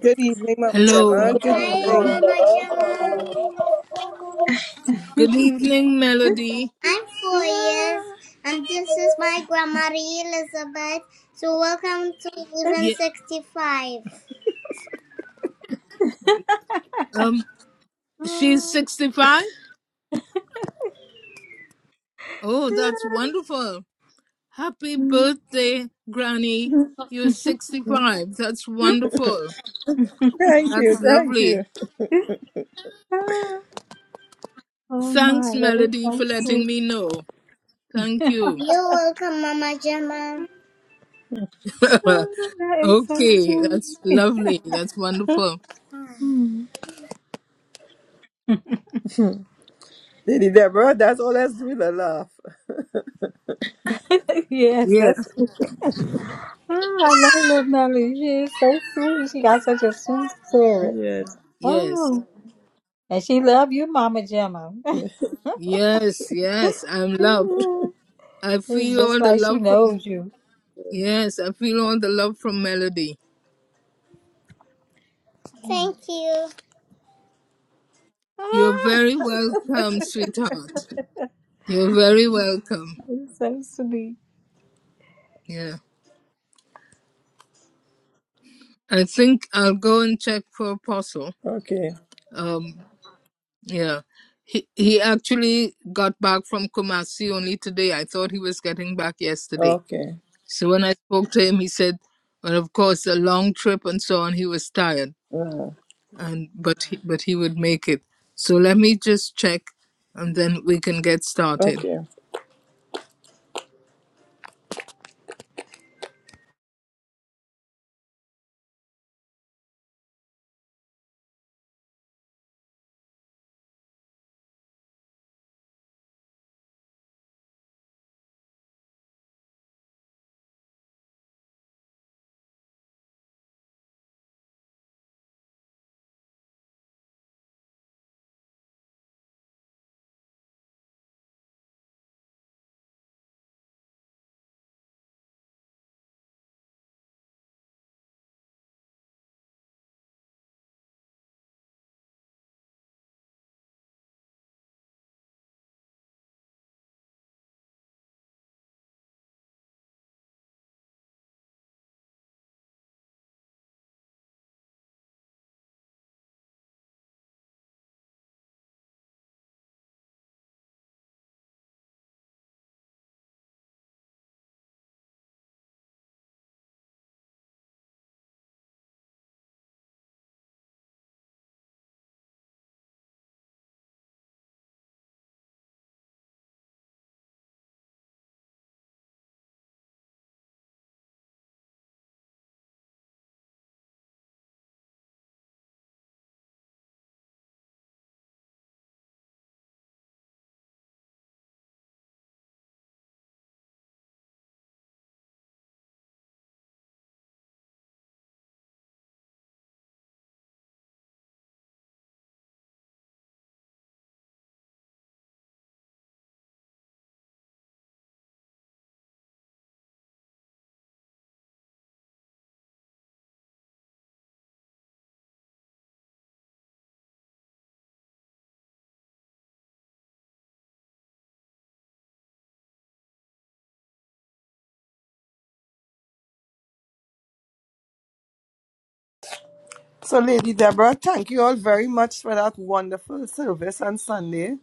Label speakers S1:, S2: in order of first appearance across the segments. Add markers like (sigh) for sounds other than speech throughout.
S1: Good evening, Mama
S2: (laughs)
S1: Gemma.
S3: Hello.
S1: Good Hi, evening. Grandma Gemma.
S3: Good evening, Melody.
S1: I'm four years, and this is my grandma Elizabeth. So welcome to Even
S3: Yeah.
S1: 65.
S3: Um, she's 65. Oh, that's wonderful. Happy birthday, Granny. You're 65. That's wonderful.
S1: Thank you,
S3: That's
S1: thank
S3: lovely.
S1: you.
S2: Oh my,
S3: Thanks,
S2: that is
S3: Melody,
S2: so
S3: for letting
S2: sweet.
S3: me know. Thank you.
S1: You're welcome, Mama Gemma.
S3: (laughs)
S2: Oh, that is so
S3: okay, that's
S2: sweet.
S3: lovely. That's wonderful.
S2: Hmm.
S1: Lady Deborah, that's all that's doing a laugh. (laughs)
S2: (laughs) yes,
S3: Yeah.
S2: that's sweet. Oh, I love little Melly. She is so sweet. (laughs) She got such a sweet spirit.
S1: Yes.
S3: Yes.
S2: Oh, and she love you, Mama Gemma. (laughs)
S3: Yes, yes. I'm loved. I
S2: it's
S3: feel
S2: just
S3: all the
S2: like she
S3: love from
S2: knows you.
S3: Yes, I feel all the love from Melody.
S1: Thank you.
S3: You're very welcome, sweetheart. You're very welcome.
S2: It's so sweet.
S3: Yeah. I think I'll go and check for Apostle.
S1: Okay,
S3: Um, yeah. He he actually got back from Kumasi only today. I thought he was getting back yesterday.
S1: okay.
S3: So when I spoke to him, he said, well, of course, a long trip and so on, he was tired,
S1: Mm,
S3: and but he, but he would make it. So let me just check, and then we can get started.
S1: Okay. So, Lady Deborah, thank you all very much for that wonderful service on Sunday.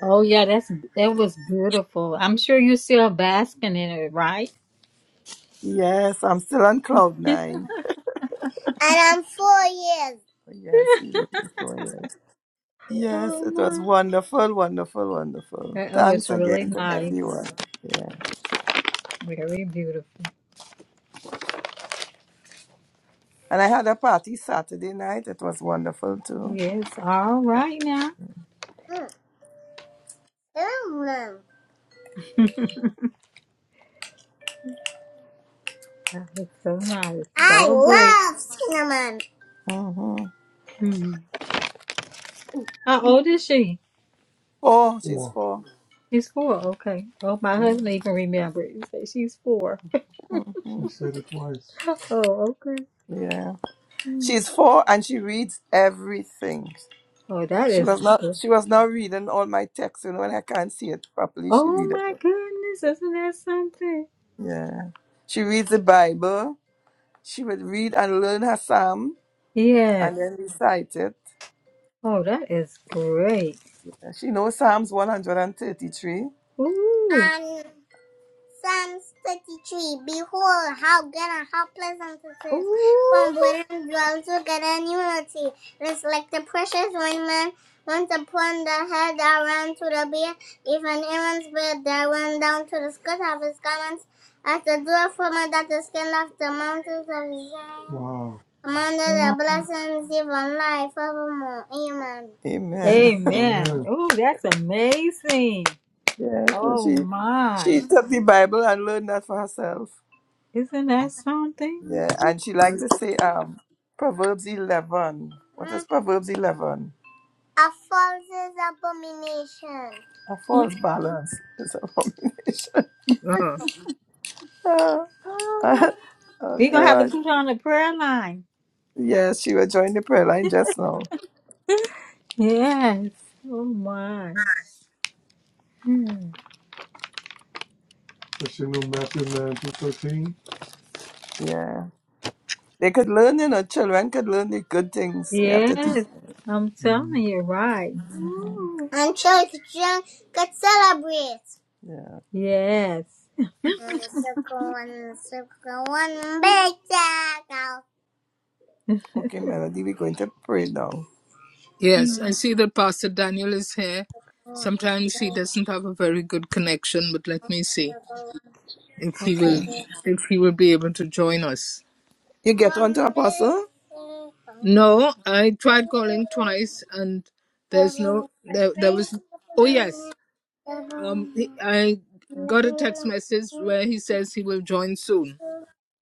S2: Oh yeah, that's that was beautiful. I'm sure you're still basking in it, right?
S1: Yes, I'm still on cloud
S2: (laughs)
S1: nine. And I'm four years. (laughs) Yes, you don't be four years. Yes,
S2: Oh
S1: it was
S2: my.
S1: wonderful, wonderful, wonderful.
S2: That that
S1: Thanks
S2: was really
S1: again to
S2: nice.
S1: everyone. Yeah.
S2: Very beautiful.
S1: And I had a party Saturday night. It was wonderful too.
S2: Yes, all right now.
S1: Mm, cinnamon.
S2: That was so nice.
S1: I
S2: Celebrate.
S1: love cinnamon. Mm-hmm.
S2: Hmm. How old is she?
S1: Four, she's
S2: Four.
S1: four.
S2: She's four, okay. Oh, my
S1: Mm,
S2: husband even remembered. He said she's four. she said it twice. (laughs) Oh, okay.
S1: Yeah.
S2: Hmm.
S1: She's four and she reads everything.
S2: Oh, that
S1: She
S2: is.
S1: was not
S2: good.
S1: she was not reading all my texts, you know, and I can't see it properly. She
S2: Oh
S1: read it.
S2: my goodness, isn't that something?
S1: Yeah. She reads the Bible. She would read and learn her psalm and
S2: Yes.
S1: then recite it.
S2: Oh, that is great.
S1: Yeah, She knows Psalms 133.
S2: Ooh.
S1: Psalms 53 Behold, how good and how pleasant it is for
S2: Ooh.
S1: brethren dwell together in unity. It is like the precious raiment once upon the head that ran to the beard, even Aaron's beard that ran down to the skirt of his garments, as the dew from it that is skin off the mountains of Zion.
S2: Wow.
S1: Commanded the
S2: Wow.
S1: blessings, even life evermore. Amen. Amen.
S2: Amen. Amen. Ooh, that's amazing.
S1: (laughs) yeah, so
S2: Oh
S1: she
S2: my.
S1: she took the Bible and learned that for herself.
S2: Isn't that something?
S1: Yeah, and she like to say um Proverbs eleven. What is Proverbs eleven? A false is abomination. A
S2: (laughs)
S1: false balance is abomination.
S3: Ah.
S1: (laughs) oh,
S2: Oh my.
S1: oh oh,
S2: We're gonna have to
S1: gosh.
S2: put her on the prayer line.
S1: Yes, she will join the prayer line just now.
S2: Yes. Oh my. Hmm. That's in Matthew 9 to 13.
S1: Yeah. They could learn, you know, children could learn the good things you have to teach.
S2: Yes.
S1: them.
S2: I'm Mm. telling you, right. Ooh.
S1: And children could celebrate. Yeah.
S2: Yes.
S1: And the circle, and the circle, one big circle. Okay, Melody, we're going to pray now.
S3: Yes, I
S2: Mm.
S3: see that Pastor Daniel is here. Sometimes he doesn't have a very good connection, but let me see if he will
S1: Okay.
S3: if he will be able to join us.
S1: You get on to Apostle?
S3: No, I tried calling twice and there's no there there was oh yes. Um he- I got a text message where he says he will join soon.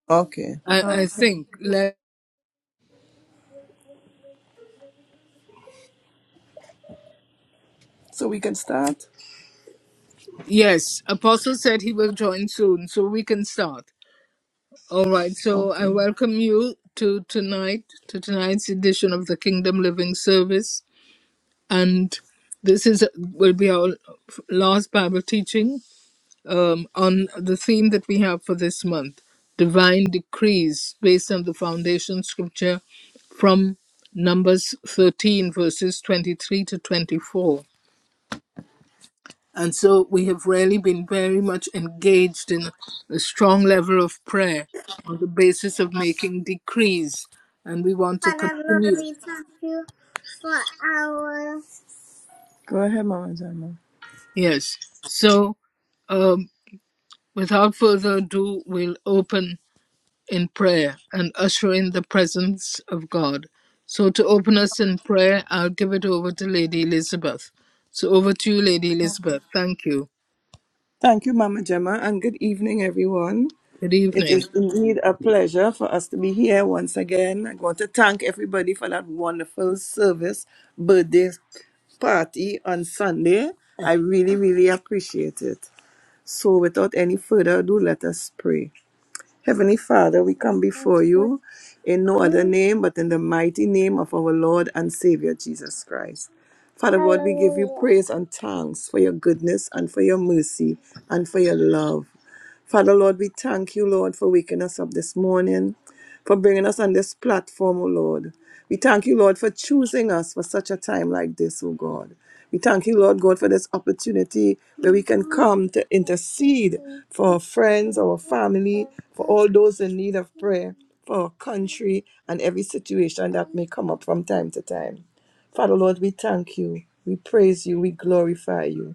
S1: Okay.
S3: I
S2: Oh
S3: I think let,
S1: So we can start?
S3: yes, Apostle said he will join soon, so we can start. All right, so I
S1: Okay.
S3: welcome you to tonight, to tonight's edition of the Kingdom Living Service, and this is will be our last Bible teaching um, on the theme that we have for this month: divine decrees, based on the foundation scripture from Numbers 13, verses 23 to 24. And so we have really been very much engaged in a strong level of prayer on the basis of making decrees. And we want to
S1: Father Lord,
S3: continue.
S1: we thank you for our. Go ahead, Mama Gemma.
S3: Yes. So um, without further ado, we'll open in prayer and usher in the presence of God. So to open us in prayer, I'll give it over to Lady Elizabeth. So over to you, Lady Elizabeth. Thank you.
S1: Thank you, Mama Gemma, and good evening, everyone.
S3: Good
S1: It
S3: evening.
S1: is indeed a pleasure for us to be here once again. I want to thank everybody for that wonderful service birthday party on Sunday. I really, really appreciate it. So, without any further ado, let us pray. Heavenly Father, we come before you in no other name but in the mighty name of our Lord and Savior Jesus Christ. Father God, we give you praise and thanks for your goodness and for your mercy and for your love. Father, Lord, we thank you, Lord, for waking us up this morning, for bringing us on this platform, O Lord. We thank you, Lord, for choosing us for such a time like this, O God. We thank you, Lord God, for this opportunity where we can come to intercede for our friends, our family, for all those in need of prayer, for our country, and every situation that may come up from time to time. Father, Lord, we thank you. We praise you. We glorify you.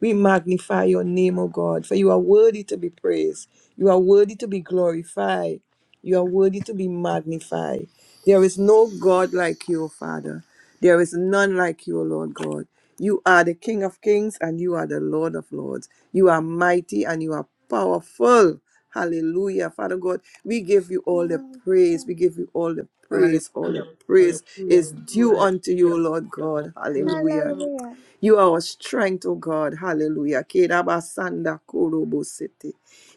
S1: We magnify your name, O God, for you are worthy to be praised. You are worthy to be glorified. You are worthy to be magnified. There is no God like you, O Father. There is none like you, O Lord God. You are the King of kings and you are the Lord of lords. You are mighty and you are powerful. Hallelujah. Father God, we give you all the praise. We give you all the
S3: Hallelujah.
S1: praise. All the
S3: Hallelujah.
S1: praise is due unto
S3: Hallelujah.
S1: you, Lord God.
S3: Hallelujah.
S1: Hallelujah. You are our strength, O God. Hallelujah. Kerabasanda korobo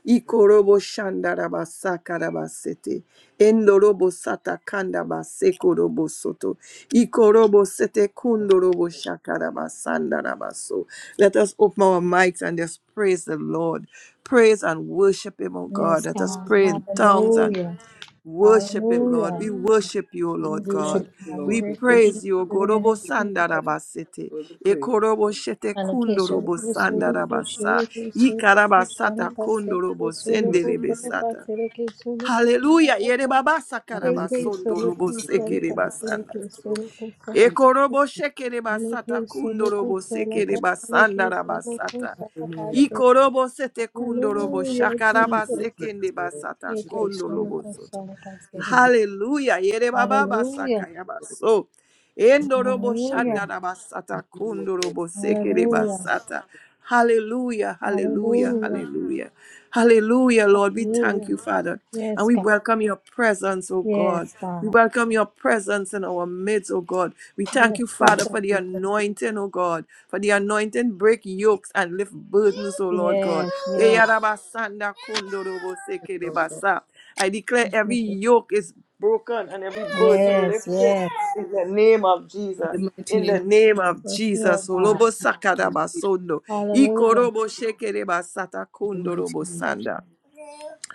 S1: Ikorobo shanda rabasaka rabasete. Endorobo sata kanda baseko robo soto. Ikorobo sete kundorobo shaka rabasanda rabaso. Let us open our mics and just praise the Lord. Praise and worship him, O God.
S2: yes,
S1: Let us
S2: God.
S1: pray in tongues and
S2: Hallelujah.
S1: Worship him, Lord.
S2: Hallelujah.
S1: We worship you, O Lord
S2: Yes, Lord.
S3: Worship
S1: God.
S3: the
S2: I
S3: Lord.
S1: We
S3: We
S2: worship
S3: worship
S2: you
S1: praise you, O
S2: spirit and
S1: Gorobo
S2: in truth, Lord.
S1: Sandarabasete.
S3: you and we pray.
S1: Ekorobo Shete Kundorobo
S2: Alakeshwarapu
S3: We
S2: Sulupu
S1: Sandarabasa.
S2: Shiripu Sulupu
S1: Ikarabasata
S2: Shanakasepu
S1: Kundorobo
S3: give you
S2: Sulupu
S3: praise.
S1: Senderebesata.
S2: Shanakasereke Sulupu
S1: Hallelujah.
S2: Shanakasereke
S1: Yerebabasa
S3: Hallelujah. Hallelujah.
S1: Karabasondorobo
S2: Sulupu
S3: We give you praise,
S1: Sekerebasanda.
S2: Shanakasereke
S3: O Lord.
S2: Sulupu
S3: We give
S1: Ekorobo
S3: you
S1: shekere basata
S2: Shanakasereke Sulupu
S1: kundorobo sekere
S3: praise.
S2: Shanakasereke
S1: basandara
S2: Sulupu
S1: basata.
S3: Hallelujah.
S2: Shanakasereke
S1: Ikorobo sete kundorobo
S2: Hallelujah,
S3: We give
S1: shakaraba
S3: you
S2: Jesus.
S3: praise,
S1: sekende
S3: O Lord.
S1: basata
S3: We
S2: Eke
S3: give
S1: kundorobo
S2: Sulupu
S1: soto.
S2: Shanakasereke
S3: you
S1: Hallelujah. Yere baba
S2: Hallelujah,
S1: basaka yabaso. Endorobo
S3: praise.
S2: hallelujah,
S1: shandara basata
S3: Hallelujah.
S1: kundorobo sekere
S2: hallelujah,
S1: basata. Hallelujah, hallelujah,
S2: hallelujah,
S1: hallelujah. Hallelujah, Lord. We thank
S2: hallelujah.
S1: you, Father. And
S2: Yes,
S1: we
S2: God.
S1: welcome your presence, oh God.
S2: Yes,
S1: We
S2: God.
S1: welcome your presence in our midst, oh God. We thank
S2: Yes,
S1: you, Father,
S2: Jesus.
S1: for the
S3: We thank
S1: anointing, oh God. For the anointing, break yokes and lift burdens, oh Lord God.
S2: Yes, yes.
S1: Eyarabasanda
S3: you, Lord God.
S1: kondoroboseke I declare
S2: Yes,
S1: every
S2: Jesus.
S1: yoke is broken and every burden
S2: yes.
S1: lifted
S2: Yes,
S1: in the name of
S3: In
S1: Jesus.
S3: the mighty
S1: In
S3: name
S1: the name of
S2: Yes, Lord
S1: Jesus,
S3: of
S2: God.
S1: Olobo Sakada
S3: Jesus. In
S1: Basondo,
S2: Hallelujah.
S1: Ikorobo Shekere Basata
S3: the mighty
S1: Kondorobo
S3: name of Jesus.
S1: Sanda.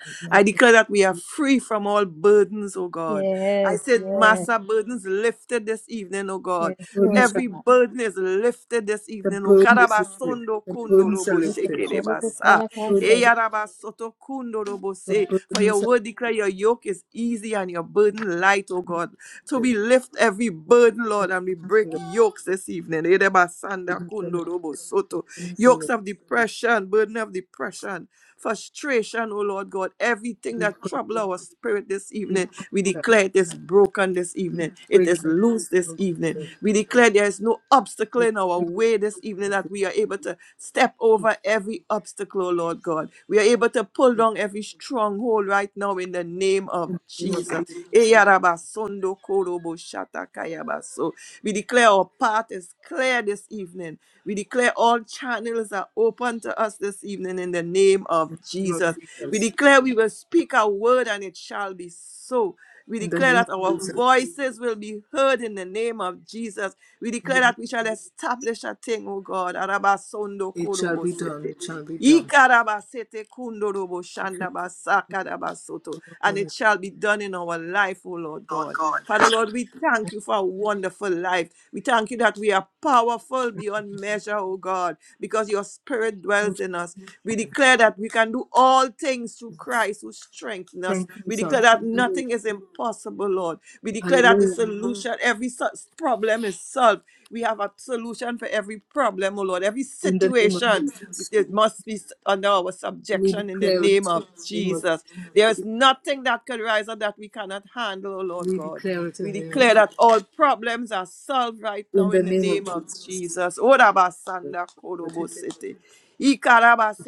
S3: In the mighty
S1: I declare that we are
S3: name
S1: free from all burdens, oh God. I
S2: Yes,
S1: said,
S2: yes.
S1: Massa burdens lifted this evening, oh God.
S2: Yes,
S3: of
S2: Lord
S3: Jesus.
S2: God.
S1: Every burden is lifted this
S3: The
S1: evening, oh
S3: burdens are the burdens are lifted.
S1: Karabasondo
S3: The
S1: kundo
S3: burdens are
S1: robo
S2: We can
S3: lifted.
S1: sheke de
S2: show the Son
S1: basa.
S2: of God say,
S3: Burdens
S1: Eyarabasoto kundo robo se. For your
S3: are-
S1: word declare your yoke is easy and your burden light, oh God. So
S3: The
S1: we lift every burden, Lord, and we
S3: burdens are
S1: break
S3: lifted.
S1: yokes this evening. Edebasanda
S3: Good fellowship,
S1: kundo robo soto.
S3: good
S1: Yokes
S3: fellowship,
S1: of depression, burden of depression frustration, oh Lord God, everything
S3: good
S1: that trouble our spirit this evening, we
S3: breaker,
S1: declare it is broken this
S3: good
S1: evening. It is
S3: breaker,
S1: loose this
S3: good breaker,
S1: evening. We declare there is no obstacle
S3: good
S1: in our
S3: breaker,
S1: way this evening that we are able to step over every obstacle, oh Lord God. We are able to pull down every stronghold right now in the name of
S3: good
S1: Jesus.
S3: breaker,
S1: Eyarabasondo korobo shatakayabaso. We declare our path is clear this evening. We declare all channels are open to us this evening in the name of
S3: good
S1: Jesus.
S3: breaker,
S1: We declare we will speak a word and it shall be so. We
S3: In the name of Jesus, in the
S1: declare
S3: name of
S1: that our
S3: Jesus,
S1: voices will be heard in the name of Jesus. We
S3: in the name
S1: declare
S3: of Jesus.
S1: that we shall establish a thing, O God. Arabasondo
S3: it shall
S1: korobo
S3: be done,
S1: sete.
S3: it shall be done.
S1: Ikarabasete kundorobo
S3: It shall
S1: shandabasakarabasoto. And
S3: be done.
S1: it shall be done in our life, O Lord God. Father Lord, we thank you for a wonderful life. We thank you that we are powerful beyond measure, oh God, because your spirit
S3: It
S1: dwells in us. We declare that we can do all things through Christ who strengthens us. We
S3: strengthens us.
S1: declare that
S3: Hallelujah.
S1: nothing is impossible, Lord. We declare that the
S3: Hallelujah.
S1: solution, every so- problem is solved. We have a solution for every problem, oh Lord. Every
S3: In the name of
S1: situation,
S3: Jesus,
S1: it must be under our
S3: we
S1: subjection in the
S3: declare it.
S1: name of
S3: In the name of
S1: Jesus. There is
S3: Jesus,
S1: nothing that could rise up that we cannot handle, oh Lord
S3: we
S1: God.
S3: declare it
S1: We
S3: in the name of
S1: declare
S3: Jesus.
S1: that all problems are solved right
S3: In
S1: now in the name of Jesus. Orabasanda korobo sete.
S3: the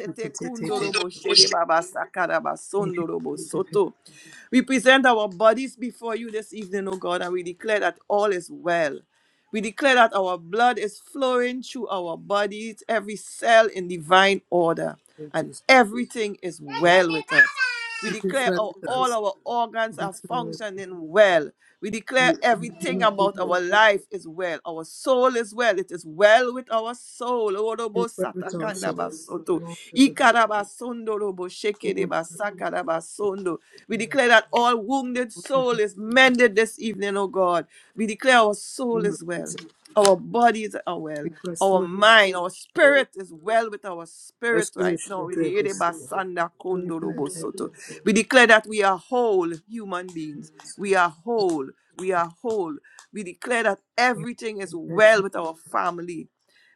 S3: name
S1: kundorobo
S3: of Jesus.
S1: sherebabasa
S3: It is
S1: karabasondorobo
S3: it
S1: soto. We present our bodies before you this evening, O God, and we declare that all is well. We declare that our blood is flowing through our bodies, every cell in divine order,
S3: is it
S1: and
S3: is
S1: everything is well with us. We
S3: it is
S1: declare
S3: well
S1: our,
S3: with
S1: all
S3: us.
S1: our organs
S3: It
S1: are
S3: is well with us.
S1: functioning well. We
S3: In
S1: declare
S3: in the
S1: everything
S3: name of Jesus,
S1: about our
S3: it
S1: life is well. Our soul is well. It is well with our soul.
S3: is
S1: Orobo
S3: well with our soul.
S1: satakanda basoto.
S3: Lord, let the blood,
S1: Ikarabasondo robo
S3: oh, Lord,
S1: shekereba
S3: let
S1: We
S3: the blood, oh,
S1: declare that all wounded
S3: Lord, let
S1: soul
S3: it
S1: is mended this evening, oh God. We declare our
S3: be.
S1: soul
S3: In the name of
S1: is well.
S3: Jesus,
S1: Our bodies are
S3: we
S1: well.
S3: speak
S1: Our
S3: restoration to
S1: mind,
S3: every
S1: our
S3: soul,
S1: spirit is well with our spirit right
S3: restoration
S1: now.
S3: into every
S1: Ede
S3: soul,
S1: basanda kondo
S3: restoration
S1: robo
S3: into
S1: soto.
S3: every soul.
S1: We declare that we are whole human beings.
S3: Yes.
S1: We are whole. We are whole. We declare that everything is well
S3: Restoration.
S1: with our family.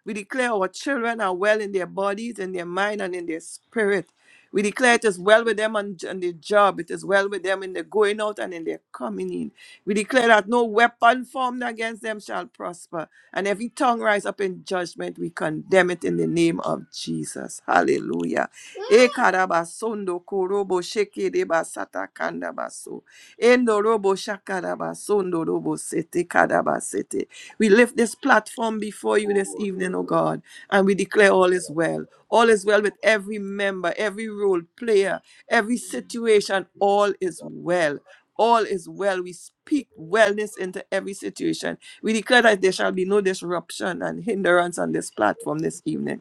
S1: We declare our children are well in their bodies, in their mind, and in their spirit. We declare it is well with them on, on their job. It is well with them in their going out and in their coming in. We declare that no weapon formed against them shall prosper. And every tongue rise up in judgment, we condemn it in the name of Jesus. Hallelujah. E karabasondo korobo sheke de basata kanda baso. Endo robo shakarabasondo robo sete karabasete. We lift this platform before you this evening, O God, and we declare all is well. All is well with every member, every role player, every situation. All is well. All is well. We speak wellness into every situation. We declare that there shall be no disruption and hindrance on this platform this evening.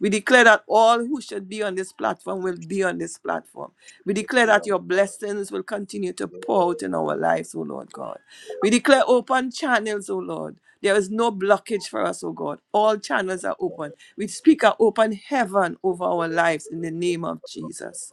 S1: We declare that all who should be on this platform will be on this platform. We declare that your blessings will continue to pour out in our lives, O Lord God. We declare open channels, O Lord. There is no blockage for us, O God. All channels are open. We speak an open heaven over our lives in the name of Jesus.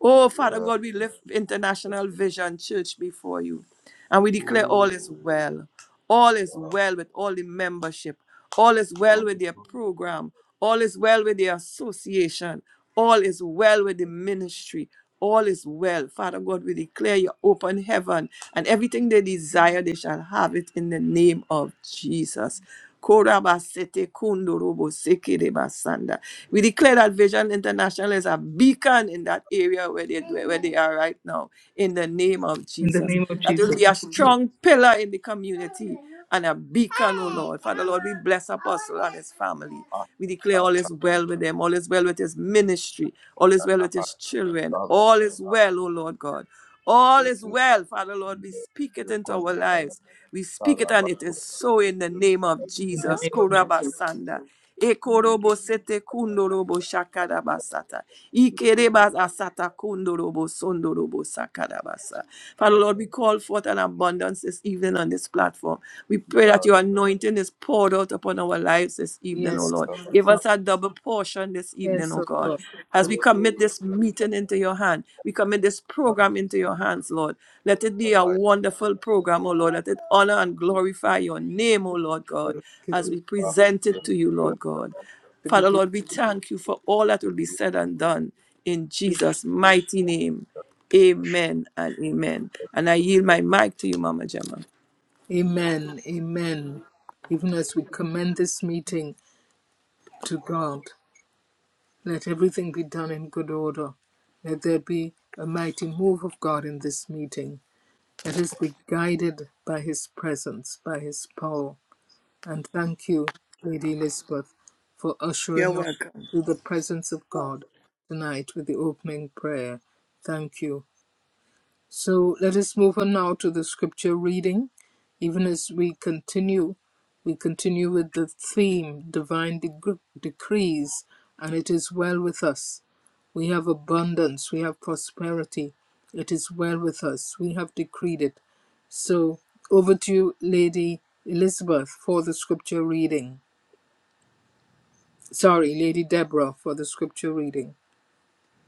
S1: Oh, Father God, we lift International Vision Church before you. And we declare all is well. All is well with all the membership. All is well with their program. All is well with their association. All is well with the ministry. All is well. Father God, we declare your open heaven and everything they desire, they shall have it in the name of Jesus. Korabasete kundorobo sekerebasanda. We declare that Vision International is a beacon in that area where they, where they are right now, in the name of
S3: In the
S1: Jesus.
S3: name of
S1: That will
S3: Jesus,
S1: be a strong pillar in the community and a beacon, O Lord. Father, Lord, we bless Apostle and his family. We declare all is well with them, all is well with his ministry, all is well with his children, all is well, O Lord God. All is well, Father Lord. We speak it into our lives. We speak it and it is so in the name of
S3: in the
S1: Jesus.
S3: name of Jesus.
S1: Korabasanda. Ekorobo sete kundorobo shakarabasata. Ikerebas asata kundorobo sondorobo sakarabasa. Father Lord, we call forth an abundance this evening on this platform. We pray that your anointing is poured out upon our lives this evening, O
S3: Yes, Yes,
S1: Lord.
S3: oh
S1: Give
S3: God.
S1: us a double portion this evening,
S3: Yes,
S1: O
S3: oh
S1: God.
S3: God.
S1: As we commit this meeting into your hand, we commit this
S3: God.
S1: program into your hands, Lord. Let it be a wonderful program, O Lord. Let it honor and glorify your name, O Lord
S3: We
S1: God
S3: give
S1: as
S3: you
S1: we
S3: glory.
S1: present it to you, Lord God.
S3: To give
S1: Father, Lord, we thank you for all that will be said and done in
S3: you
S1: Jesus' mighty name. Amen and amen. And I yield my mic to you, Mama Gemma.
S3: Amen. Amen. Even as we commend this meeting to God, let everything be done in good order. Let there be a mighty move of God in this meeting. Let us be guided by His presence, by His power. And thank you, Lady Elizabeth, for
S1: You're
S3: ushering us
S1: welcome.
S3: to the presence of God tonight with the opening prayer. Thank you. So let us move on now to the scripture reading. Even as we continue, we continue with the theme divine deg- decrees, and it is well with us. We have abundance, we have prosperity. It is well with us. We have decreed it. So over to you, Lady Elizabeth, for the scripture reading. Sorry, Lady Deborah, for the scripture reading.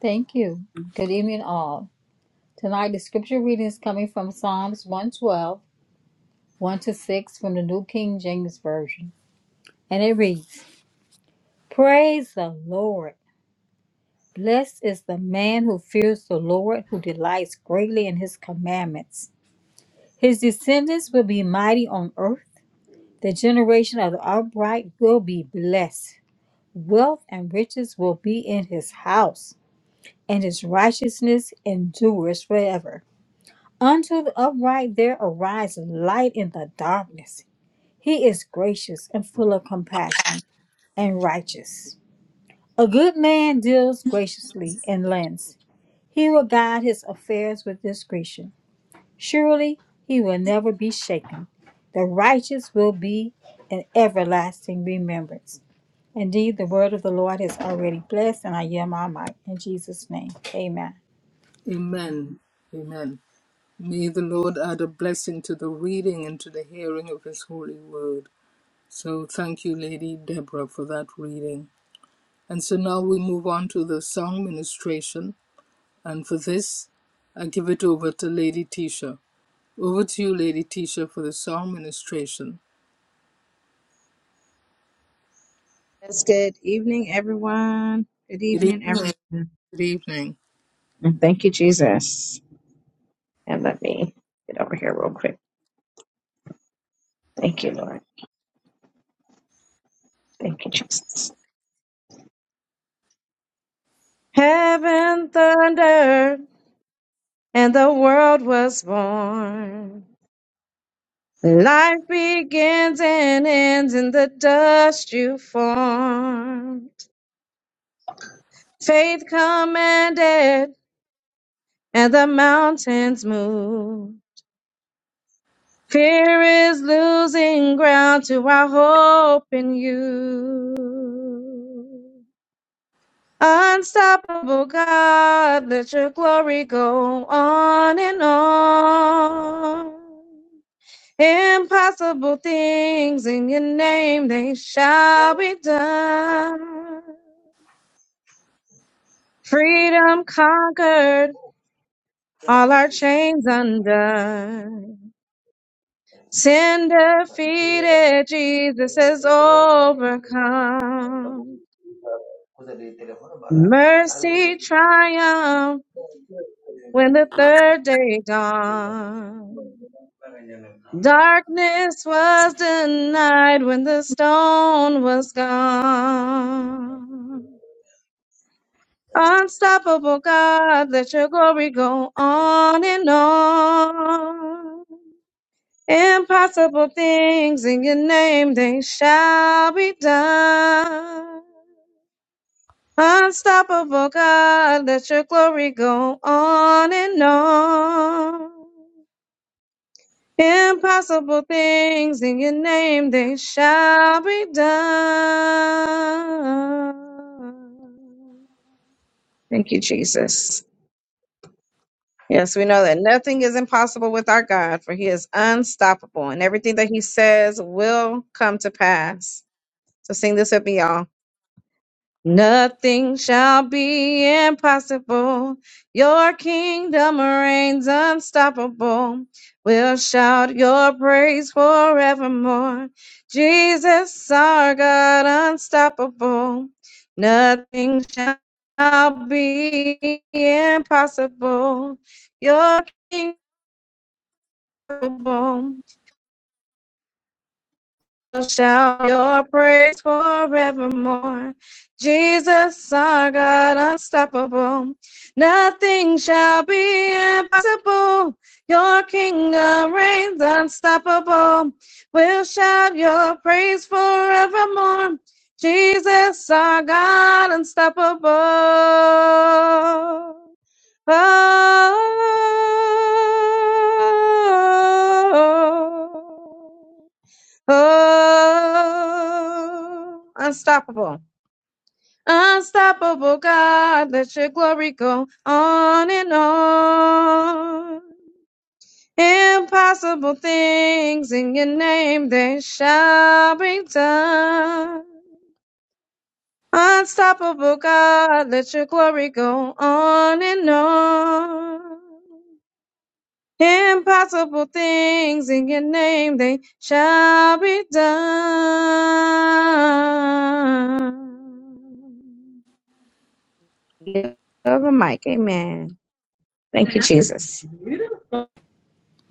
S2: Thank you. Good evening, all. Tonight, the scripture reading is coming from Psalms 112, 1 to 6 from the New King James Version. And it reads, Praise the Lord. Blessed is the man who fears the Lord, who delights greatly in his commandments. His descendants will be mighty on earth. The generation of the upright will be blessed. Wealth and riches will be in his house, and his righteousness endures forever. Unto the upright there arises light in the darkness. He is gracious and full of compassion and righteous. A good man deals graciously and lends. He will guide his affairs with discretion. Surely he will never be shaken. The righteous will be an everlasting remembrance. Indeed, the word of the Lord is already blessed, and I yield my might in Jesus' name. Amen.
S3: Amen. Amen. May the Lord add a blessing to the reading and to the hearing of His holy word. So thank you, Lady Deborah, for that reading. And so now we move on to the song ministration. And for this, I give it over to Lady Tisha. Over to you, Lady Tisha, for the song ministration.
S4: Yes, good evening, everyone. Good
S3: Good
S4: evening,
S3: evening.
S4: everyone.
S3: Good evening.
S4: And thank you, Jesus. And let me get over here real quick. Thank you, Lord. Thank you, Jesus. Heaven thundered and the world was born. Life begins and ends in the dust you formed. Faith commanded and the mountains moved. Fear is losing ground to our hope in you. Unstoppable God, let your glory go on and on. Impossible things in your name, they shall be done. Freedom conquered, all our chains undone. Sin defeated, Jesus has overcome. Mercy triumphed when the third day dawned. Darkness was denied when the stone was gone. Unstoppable God, let your glory go on and on. Impossible things in your name, they shall be done. Unstoppable God, let your glory go on and on. Impossible things in your name, they shall be done. Thank you, Jesus. Yes, we know that nothing is impossible with our God, for he is unstoppable, and everything that he says will come to pass. So sing this with me, y'all. Nothing shall be impossible. Your kingdom reigns unstoppable. We'll shout your praise forevermore. Jesus, our God, unstoppable. Nothing shall be impossible. Your kingdom. shout your praise forevermore. Jesus, our God, unstoppable. Nothing shall be impossible. Your kingdom reigns unstoppable. We'll shout your praise forevermore. Jesus, our God, unstoppable. Oh. Oh, unstoppable. Unstoppable God, let your glory go on and on. Impossible things in your name, they shall be done. Unstoppable God, let your glory go on and on. Impossible things in your name, they shall be done. Yeah. Over Mike, amen. Thank you, Jesus.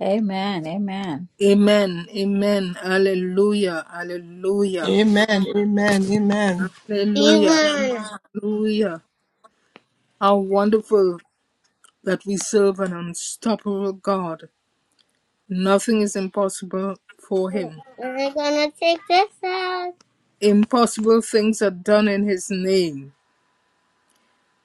S2: Amen. Amen.
S3: Amen. Amen. Alleluia. Alleluia. Alleluia.
S1: Even
S3: Alleluia. How wonderful that we serve an unstoppable God. Nothing is impossible for him.
S1: we're gonna take this out.
S3: Impossible things are done in his name.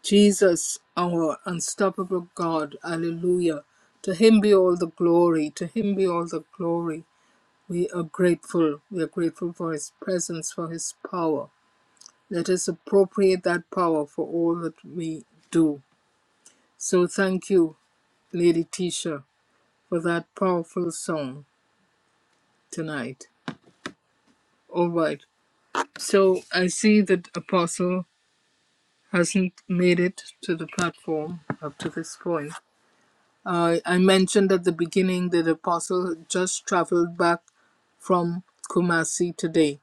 S3: Jesus, our unstoppable God. Alleluia. To him be all the glory. To him be all the glory. We are grateful. We are grateful for his presence, for his power. Let us appropriate that power for all that we do. So thank you, Lady Tisha, for that powerful song tonight. All right. So I see that Apostle hasn't made it to the platform up to this point. Uh, I mentioned at the beginning that the Apostle just traveled back from Kumasi today,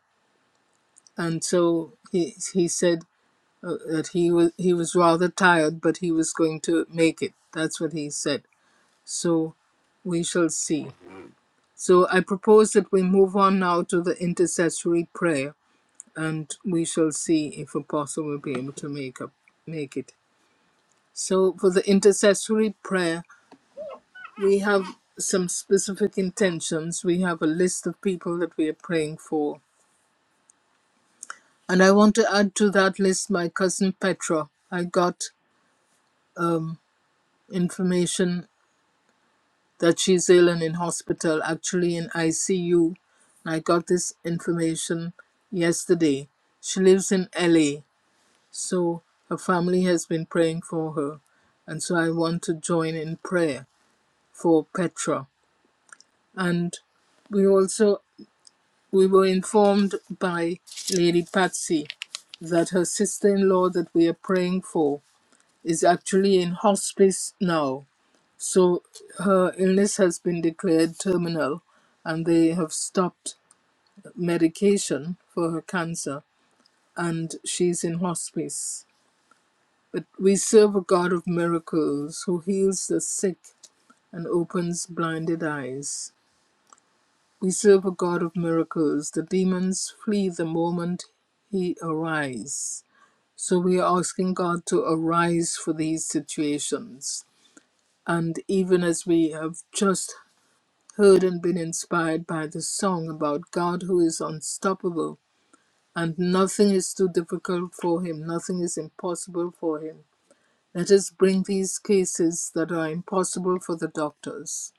S3: and so he he said uh, that he was he was rather tired, but he was going to make it. That's what he said. So we shall see. So I propose that we move on now to the intercessory prayer, and we shall see if Apostle will be able to make up make it. So, for the intercessory prayer, we have some specific intentions. We have a list of people that we are praying for. And I want to add to that list my cousin Petra. I got um, information that she's ill and in hospital, actually in ICU. And I got this information yesterday. She lives in LA, so her family has been praying for her. And so I want to join in prayer for Petra. and we also we were informed by Lady Patsy that her sister-in-law that we are praying for is actually in hospice now. So her illness has been declared terminal and they have stopped medication for her cancer and she's in hospice. But we serve a God of miracles who heals the sick and opens blinded eyes. We serve a God of miracles. The demons flee the moment he arises. So we are asking God to arise for these situations. And even as we have just heard and been inspired by the song about God who is unstoppable and nothing is too difficult for him, nothing is impossible for him, let us bring these cases that are impossible for the doctors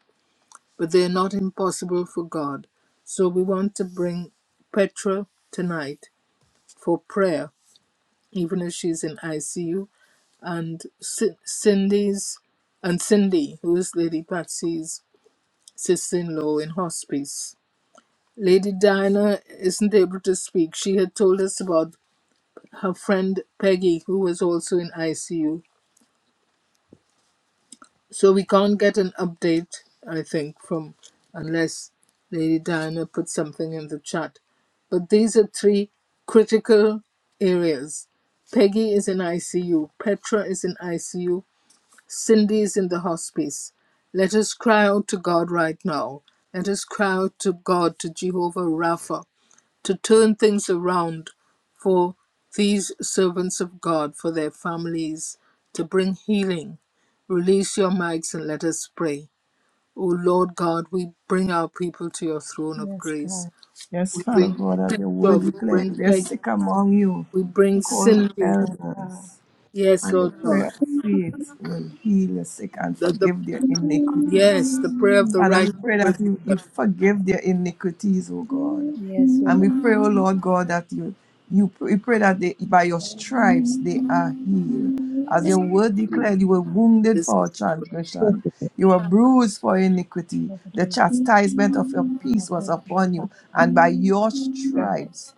S3: but they're not impossible for God. So we want to bring Petra tonight for prayer, even if she's in ICU, and Ci- Cindy's and Cindy, who is Lady Patsy's sister-in-law in hospice. Lady Diana isn't able to speak. She had told us about her friend Peggy, who was also in ICU, So we can't get an update, I think, from unless Lady Diana puts something in the chat. But these are three critical areas. Peggy is in ICU, Petra is in ICU, Cindy is in the hospice. Let us cry out to God right now. Let us cry out to God, to Jehovah Rapha, to turn things around for these servants of God, for their families, to bring healing. Release your mics and let us pray. O Lord God, we bring our people to your throne of
S2: Yes,
S3: grace.
S2: God.
S1: Yes,
S3: We
S1: Father
S3: bring
S1: God, as your word
S3: Job, we
S1: declares,
S3: bring
S1: they're
S3: Peg,
S1: sick among you.
S3: we bring
S1: Call the
S3: Cindy.
S2: Lord God.
S1: elders,
S3: Yes,
S1: and the
S3: Lord God.
S1: prayer of faith will heal the sick and
S3: That the
S1: forgive their iniquities.
S3: yes, the prayer of the
S1: Father,
S3: righteous
S1: we pray
S3: will
S1: that you,
S3: heal them.
S1: you forgive their iniquities, oh God.
S2: Yes,
S1: And
S2: Lord.
S1: we pray, oh Lord God, that you you we pray that they, by your stripes they are healed. As
S3: This
S2: Thank
S3: is
S1: your
S2: you
S1: word
S3: good.
S1: declared, you were wounded
S3: This
S1: for
S3: is
S1: our
S3: good.
S1: transgression. You were bruised for iniquity.
S2: for the
S1: The
S2: invitation.
S4: Thank
S1: chastisement of your
S4: you,
S2: I
S1: peace was
S2: praise you
S1: upon
S2: for
S1: you. And by
S4: Lord.
S1: your
S2: Father. God.
S1: stripes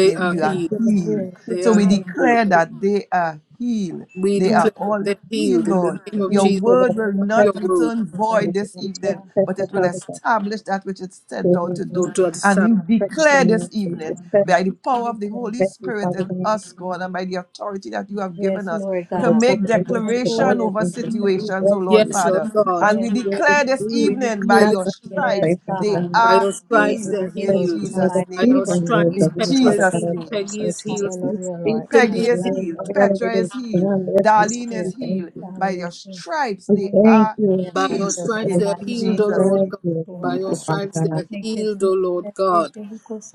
S1: they,
S3: are
S2: They
S1: you
S4: Thank
S2: are
S1: are
S3: healed.
S4: you,
S1: healed.
S2: here in
S3: They
S1: So
S2: the
S1: we
S3: are
S2: name of
S1: declare
S3: healed.
S2: Jesus.
S1: that they are healed.
S3: We
S1: They
S2: Yes,
S4: Lord.
S1: are
S3: declare that
S1: all
S3: they're
S1: healed,
S3: healed in the
S1: Lord.
S3: name of
S1: Your
S3: Jesus.
S4: Thank you,
S1: word
S4: Lord.
S1: will
S2: Lord.
S4: We
S3: By
S1: not
S4: touch
S3: your word,
S1: return
S4: them,
S1: void
S4: Jesus.
S1: this
S4: We
S2: Amen.
S4: touch
S1: evening,
S4: them,
S1: but it will
S4: Father God.
S1: establish that which it set
S4: Save
S1: out
S4: me,
S1: to
S4: mercy.
S1: do.
S3: Lord, to
S1: And
S3: accept.
S1: we
S4: Touch them,
S1: declare this
S4: Lord Jesus.
S1: evening,
S4: Touch
S1: by the power of the
S2: Yes, Lord.
S1: Holy
S4: them,
S1: Spirit
S4: Father
S1: in
S4: God.
S1: us, God, and by the authority that you have
S2: Yes,
S1: given us,
S2: Lord
S4: From
S1: to
S4: the
S2: God.
S4: top
S1: make
S4: of the head to the
S1: declaration
S2: Hallelujah,
S4: bottom
S1: over
S4: of the three
S2: Jesus.
S1: situations, O
S4: breath
S1: Lord
S3: Yes,
S4: keys.
S3: Lord
S1: Father.
S4: We
S3: God,
S1: And
S4: thank
S2: Yes,
S1: we
S4: you,
S2: God.
S4: Lord, that
S1: declare this
S4: you
S3: we
S1: evening, by
S3: declare
S4: have
S3: this
S1: your
S4: us in this
S3: evening,
S2: Yes,
S1: stripes,
S4: place and the
S1: they
S2: God.
S4: God.
S3: by
S1: are
S3: your
S2: They
S3: stripes
S4: We
S1: healed
S2: are
S3: they're
S4: just
S1: in
S4: thank
S2: healed in
S4: you,
S3: healed,
S2: the
S4: Lord,
S1: Jesus'
S4: that
S2: mighty
S3: by
S1: name.
S4: you
S3: your
S2: name of
S4: were the words
S3: stripes
S2: Jesus,
S4: of
S1: In
S4: you,
S3: Petra
S2: Lord.
S4: Father
S3: is
S4: God,
S1: Jesus'
S3: healed,
S4: of
S1: name.
S4: our
S3: Peggy
S4: soul,
S3: is healed,
S4: Jesus. We
S2: Hallelujah,
S4: speak
S2: Lord God.
S3: Cindy
S4: your
S1: Peggy is
S3: is
S4: word,
S2: God
S3: healed,
S1: healed.
S4: Father
S2: heal.
S4: God, and it
S1: Petra
S4: is
S1: is healed.
S4: done, Lord Jesus.
S1: Darlene is
S4: We
S2: Here,
S4: thank
S2: he's
S1: healed.
S4: you.
S1: By
S2: healing his
S1: your
S2: feet.
S1: stripes,
S4: We
S1: they
S2: Hallelujah.
S4: thank
S1: are
S4: you, Lord
S2: They
S3: by
S2: are
S3: your
S1: healed
S4: Jesus,
S2: healed in
S4: for
S2: the
S3: stripes
S4: the
S1: in
S3: they're
S2: mighty
S3: healed,
S4: feeding
S3: O
S2: name of
S1: Jesus'
S3: Lord
S2: Jesus,
S1: name.
S4: of
S3: God,
S4: your
S2: Lord
S3: by your
S2: God.
S4: people, Father
S3: stripes
S4: God.
S3: they're
S2: Thank you,
S3: healed,
S2: Jesus.
S3: O Lord
S2: Thank you,
S3: God.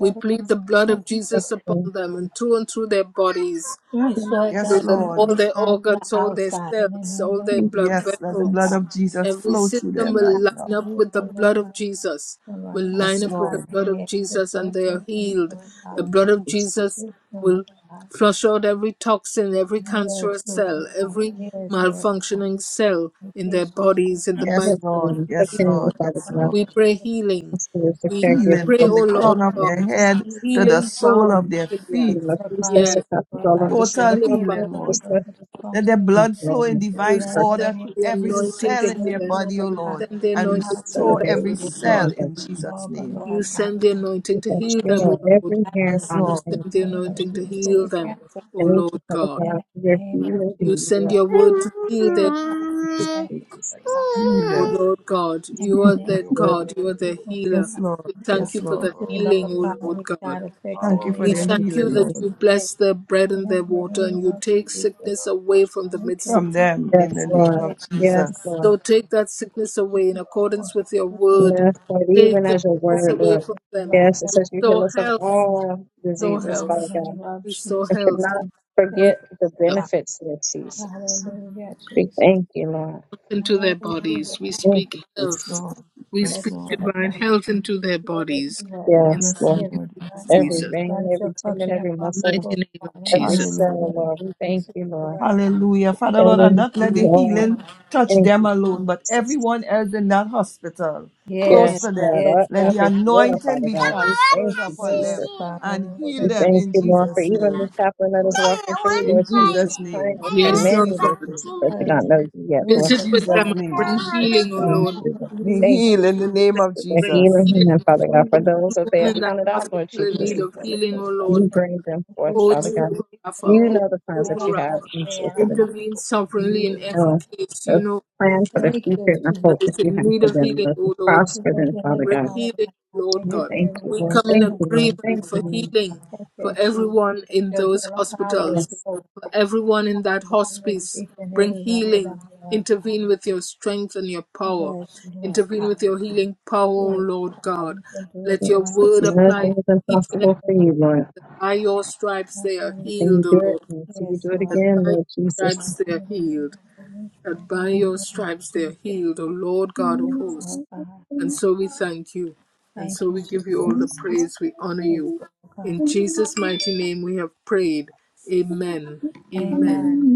S3: We plead the blood of Jesus
S4: That's
S3: upon
S4: the
S3: them and through and through their bodies.
S2: Yes,
S4: thank
S2: Lord
S3: so
S1: Yes,
S2: God,
S3: that
S2: from
S1: Lord.
S2: the
S3: all their
S2: inside to the
S3: organs, all their
S2: outside, in the
S3: cells,
S2: name
S3: all
S2: of
S3: their
S4: you,
S2: Jesus,
S3: blood
S1: Yes, let the
S2: Lord
S1: blood
S3: vessels,
S2: God.
S1: of Jesus
S3: every
S1: flow through
S3: system
S1: them
S3: will
S1: right now.
S3: line up with the
S2: Hallelujah, Lord
S3: blood
S2: God.
S3: of Jesus,
S2: And Lord
S3: will
S2: God,
S3: line
S2: from
S1: Yes,
S2: the
S3: up with
S2: top
S3: the
S1: Lord.
S2: of
S3: blood
S2: their
S3: of
S2: head, just
S3: Jesus, and
S2: both
S3: they
S2: of
S3: are
S2: them,
S3: healed.
S2: Lord God.
S3: The
S4: thank
S3: blood
S4: you,
S3: of
S4: Jesus.
S3: Jesus
S2: Yes, Lord
S3: will
S2: God.
S3: flush out every toxin, every
S2: Yes,
S3: cancerous
S2: Lord
S3: cell,
S2: God.
S3: every
S2: Yes, Lord God.
S3: malfunctioning cell
S2: In
S3: in their
S2: case Lord God,
S3: bodies, in the
S2: that I
S1: Yes,
S3: mighty
S2: can
S4: That's
S3: name
S2: see
S3: of
S1: Lord.
S2: you,
S4: the
S1: Yes,
S2: show
S3: Jesus.
S2: me
S4: second,
S1: Lord.
S4: Father
S1: Yes,
S2: that
S4: God.
S1: Lord.
S3: We
S2: I can
S3: pray healing.
S4: That's the
S3: We
S4: second, give us,
S1: Healing
S3: pray,
S1: from
S3: O
S1: the
S4: Father God.
S3: Lord
S1: crown of their
S4: We
S3: God,
S2: see
S1: head
S2: you, Hallelujah,
S4: just
S1: to the
S3: healing
S2: Lord
S1: sole
S3: balm
S2: God.
S1: of their
S3: of Gilead.
S1: feet.
S4: And Lord,
S2: Lord God.
S4: please bless
S3: Yes,
S2: Father,
S4: us up with
S2: Lord
S4: all
S2: God, to be
S4: understanding,
S1: Total
S3: healing
S2: glory,
S4: Father
S2: to
S3: balm
S4: God,
S1: healing,
S4: and
S2: be
S1: Lord.
S4: just let
S2: spoken to,
S4: us
S1: Let their
S2: Father,
S4: enjoy
S1: blood flow in
S4: the
S3: You
S1: divine
S2: in
S4: perfect
S2: the
S3: send
S1: order
S2: name of
S1: to
S3: the
S1: every
S4: peace of
S2: Jesus,
S3: anointing
S1: cell
S3: to
S1: in
S3: heal
S2: yes,
S1: their
S3: them.
S2: Lord
S1: body, O
S3: You
S2: God.
S1: Lord,
S3: send the
S1: and
S4: peace
S3: anointing
S4: and
S3: to heal
S1: restore
S3: them,
S2: Hallelujah.
S1: every
S4: Saturdays.
S3: O
S2: Touch
S1: cell
S3: God.
S2: it
S4: Remember,
S1: in Jesus'
S2: all, good
S1: name.
S3: You
S2: Lord God.
S3: send the anointing
S4: we
S3: to
S4: thank
S3: heal
S4: you
S3: them,
S2: Touch
S3: O
S4: know
S3: Lord.
S4: every hair
S2: it,
S1: Yes,
S4: on
S3: You
S4: our
S1: Lord.
S4: head.
S3: send the
S2: the
S4: I
S2: name of
S4: thank
S3: anointing to
S4: you
S2: Jesus,
S4: this
S3: heal
S4: day.
S2: every
S3: them,
S2: cancer
S3: O
S4: Thank
S2: cell.
S3: Lord
S4: you, Father
S3: God.
S4: God,
S2: And in
S4: for
S2: the
S4: your
S2: name of
S4: healing
S2: Jesus,
S3: You
S4: and
S3: send
S4: your
S2: Lord
S3: your
S2: God, we
S3: word to heal
S2: pray the
S3: them,
S2: power.
S4: gift,
S1: Healer.
S2: and the Lord
S4: Jesus.
S2: God.
S3: O Lord God.
S2: In
S3: You
S2: the
S3: are
S2: name
S3: their
S4: Your
S3: God.
S2: of
S3: You
S2: Jesus,
S3: are
S2: Lord
S3: their
S2: God,
S3: healer.
S1: Yes, Lord.
S3: We
S2: Lord God,
S3: thank
S1: Yes,
S3: you for
S1: Lord.
S3: the
S2: we can
S3: healing,
S2: nullify
S3: O Lord
S2: any
S3: God.
S2: side effects
S1: Thank
S2: of
S1: you
S2: any
S1: for
S3: We
S1: their
S4: healing,
S2: medical
S3: thank you
S1: healing,
S3: that
S1: Lord.
S3: you
S2: take.
S3: bless their bread
S2: In
S3: and their
S2: the
S3: water
S2: name
S3: and you
S2: of
S3: take
S2: Jesus,
S3: sickness away from the
S2: we
S3: midst
S2: kill
S3: of
S1: From
S3: them.
S2: them.
S1: them in
S4: Yes,
S1: the
S2: God,
S1: name
S4: Lord.
S2: yes,
S1: of
S2: Lord
S4: Yes,
S1: Jesus.
S3: So
S4: Lord.
S3: take that
S2: God.
S3: sickness away in
S2: Jesus, we can
S3: accordance with your word.
S4: Yes, Lord.
S2: just
S3: Take
S4: Even
S3: the
S4: as your
S2: like
S3: sickness
S4: word,
S3: away
S4: Lord.
S3: from
S2: the
S3: them.
S2: rise
S4: Yes, it
S2: of
S4: says you
S2: the
S4: heal
S3: Restore
S4: us of
S3: health.
S2: means
S4: all
S2: in the
S3: Restore
S4: diseases,
S2: mighty
S4: Father
S3: health.
S4: God.
S2: name of
S3: Restore
S4: I
S2: Jesus,
S4: should
S3: health.
S4: not
S2: thank
S3: We
S4: forget
S2: you,
S4: the
S3: speak health
S2: God.
S4: benefits, Lord Jesus.
S2: Hallelujah,
S4: We
S2: Jesus.
S4: thank you, Lord.
S3: into their bodies. We
S2: Hallelujah.
S4: Thank
S3: speak
S4: you, Jesus.
S1: Yes,
S3: health.
S1: Lord.
S3: We
S1: Yes,
S3: speak
S2: Yes,
S1: Lord.
S2: Lord
S3: divine
S2: God.
S3: health into their
S2: Yes,
S3: bodies.
S2: Lord God.
S3: In
S4: Yes,
S1: Yes,
S4: Lord.
S2: Yes,
S3: the mighty
S1: Lord.
S3: name
S2: God.
S1: Yes,
S3: of
S1: Lord.
S4: Every
S3: Jesus.
S2: God
S4: vein,
S2: is your
S4: every tendon,
S2: function of
S4: every
S3: In
S2: our
S3: the
S4: muscle,
S3: mighty
S2: before
S3: name
S2: God
S3: of
S2: in the
S4: every
S3: Jesus.
S2: mighty name
S4: cell,
S2: of
S1: Hallelujah.
S4: Lord. We thank
S2: Jesus,
S4: you, Lord.
S2: Lord God.
S1: Hallelujah. Father
S4: Thank
S1: Lord, and not
S4: you,
S1: let the
S4: Lord.
S1: healing touch
S4: Thank
S1: them
S4: you,
S1: alone, but
S4: Jesus.
S1: everyone else in that hospital, close
S2: Yes,
S4: Yes,
S1: to
S4: Lord.
S1: them.
S2: yes,
S4: Our-
S1: Let the
S4: Every
S2: God.
S4: floor,
S2: Yes,
S1: anointing
S4: Father
S1: be
S2: God.
S4: God. We thank
S1: transferred
S4: you,
S1: upon them
S4: Jesus.
S2: Yes, God.
S1: and
S2: And Lord,
S1: heal
S2: I
S4: We
S1: them
S2: just
S4: thank
S1: in
S4: you,
S2: thank you,
S4: Lord, for
S1: Jesus'
S4: even
S1: name.
S4: the chaplain that
S2: Lord,
S4: is walking through,
S1: In
S4: Lord
S2: in the
S4: Jesus,
S1: Jesus'
S2: name of
S1: name.
S4: praying for
S2: Jesus.
S1: In
S3: Yes,
S4: many
S3: Lord
S4: of these
S1: Jesus'
S3: God.
S4: Jesus
S1: name.
S4: that do
S2: Hallelujah.
S4: not know you yet,
S2: Do
S1: In
S2: it
S4: Lord.
S2: for
S3: Visit
S2: them,
S3: with
S1: Jesus'
S3: them
S2: Lord
S3: and
S1: name.
S3: bring
S2: God.
S4: We just
S3: healing, O
S4: Thank
S3: Lord.
S4: you, Lord.
S1: Be
S2: Hallelujah.
S4: Thank you,
S1: healed in
S3: Visit
S1: the
S3: with
S1: name
S3: them
S4: Jesus,
S1: of
S4: for
S3: and
S4: the
S3: bring
S1: Jesus.
S4: healing hand,
S3: healing.
S4: Father God, for
S2: Hallelujah.
S4: those that they
S3: Everyone
S4: have
S3: in that
S4: counted out,
S3: hospital
S4: Lord
S2: Thank
S3: in
S4: Jesus.
S2: you,
S3: need
S2: Jesus.
S3: of
S2: for
S3: healing, O
S4: You
S3: Lord
S4: bring them forth,
S3: O
S4: Father God.
S3: Jehovah Rapha,
S4: You
S3: O
S4: know the plans
S3: Jehovah
S4: that you have
S3: Rapha,
S4: in store for them.
S3: intervene sovereignly
S4: You
S3: in every
S4: know
S3: case. You
S4: the
S3: know every
S4: plan for
S3: case
S4: the future and the
S3: that
S4: hope that
S3: is
S4: you
S3: in
S4: have
S3: need
S4: for
S3: of
S4: them,
S3: healing,
S4: Lord, to
S3: O Lord.
S4: prosper
S2: your
S4: them,
S2: healing
S4: Father
S3: Bring
S4: God.
S2: power, Lord
S3: healing,
S2: God.
S3: Lord
S2: Thank
S4: We
S2: you for
S3: God.
S2: your
S4: thank you,
S3: We
S2: healing power,
S4: Lord.
S3: come in
S4: Thank you,
S2: Lord
S4: Lord. Thank
S3: agreement
S4: you,
S3: for
S2: God.
S4: Lord.
S3: healing
S2: Thank you,
S3: for
S2: Jesus.
S3: everyone
S2: Thank
S3: in
S2: you for your
S3: those
S2: healing power
S3: hospitals,
S4: Yes,
S2: flow.
S3: for everyone in that
S2: Hallelujah.
S3: hospice.
S2: Each and
S3: Bring
S2: every one of them,
S3: healing.
S2: Lord God.
S3: Intervene with your strength and your power.
S2: Yes, Lord
S3: Intervene
S2: God.
S3: with your healing power, O
S2: Yes,
S3: Lord
S2: God.
S3: God.
S2: You can do it
S3: Let
S2: for
S3: your
S2: them,
S4: yes. It's
S3: word
S2: Lord
S3: apply
S2: God.
S3: to
S4: nothing is
S3: each and every
S4: impossible for you, Lord.
S3: by your stripes they are
S4: Can
S2: Hallelujah.
S3: healed,
S4: you do
S3: O
S4: it?
S3: Lord.
S4: And so you
S2: Yes,
S4: do it
S2: Lord.
S3: God. That
S4: again,
S3: by your
S4: Lord Jesus.
S3: stripes they are
S2: Holy
S3: healed.
S2: Spirit, in
S3: That by
S2: the
S3: your
S2: name of
S3: stripes they
S2: Jesus,
S3: are healed, O Lord God of
S2: yes,
S3: hosts.
S2: Lord God.
S3: And so we thank you. And
S2: Thank
S3: so
S2: you,
S3: we give
S2: Jesus.
S3: you
S2: Yes,
S3: all the praise. We honor you.
S2: Lord God.
S3: In Jesus' mighty name we have prayed. Amen. Amen.
S2: Amen.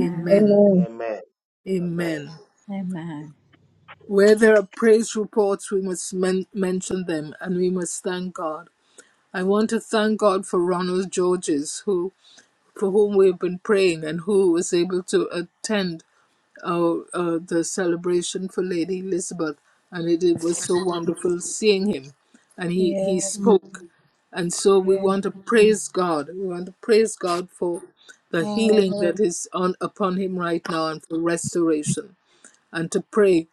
S2: Amen.
S3: Amen.
S2: Amen.
S3: Where there are praise reports, we must men- mention them and we must thank God. I want to thank God for Ronald Georges, who. for whom we've been praying and who was able to attend our, uh, the celebration for Lady Elizabeth. And it, it was so wonderful seeing him. And he, he
S2: Yes.
S3: spoke. And so we
S2: Yes.
S3: want to praise God. We want to praise God for the healing
S2: Hallelujah.
S3: that is on upon him right now and for restoration and to pray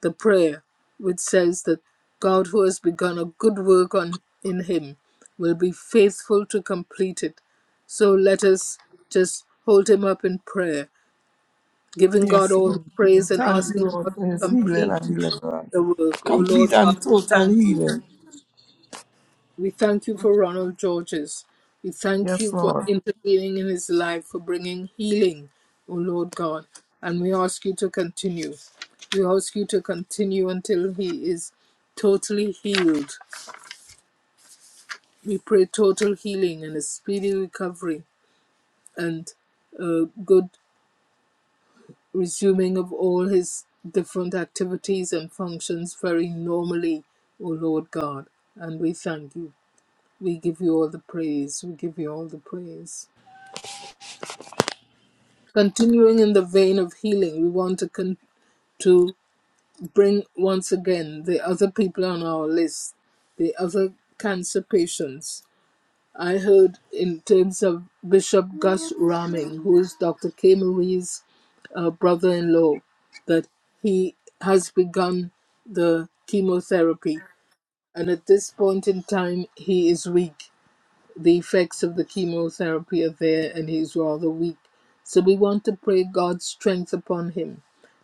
S3: the prayer which says that God, who has begun a good work on, in him, will be faithful to complete it. So let us just hold him up in prayer, giving God
S1: Yes,
S3: all the
S1: Lord. We
S3: praise and
S1: Thank
S3: asking
S1: you,
S3: God
S1: Lord,
S3: to
S1: for his healing and
S3: complete
S1: deliverance.
S3: the work. Oh
S1: Complete
S3: Lord God,
S1: and
S3: we
S1: total
S3: thank you.
S1: healing.
S3: We thank you for Ronald Georges. We thank
S1: Yes,
S3: you for
S1: Lord.
S3: intervening in his life, for bringing healing, O Lord God. And we ask you to continue. We ask you to continue until he is totally healed. We pray total healing and a speedy recovery and a good resuming of all his different activities and functions very normally, O Lord God. And we thank you. We give you all the praise. We give you all the praise. continuing in the vein of healing, we want to con- to bring once again the other people on our list, the other cancer patients. I heard in terms of
S1: He
S3: Bishop Gus Raming, who is Dr. K. Marie's uh, brother-in-law, that he has begun the chemotherapy, and at this point in time, he is weak the effects of the chemotherapy are there and he's rather weak. So we want to pray God's strength upon him.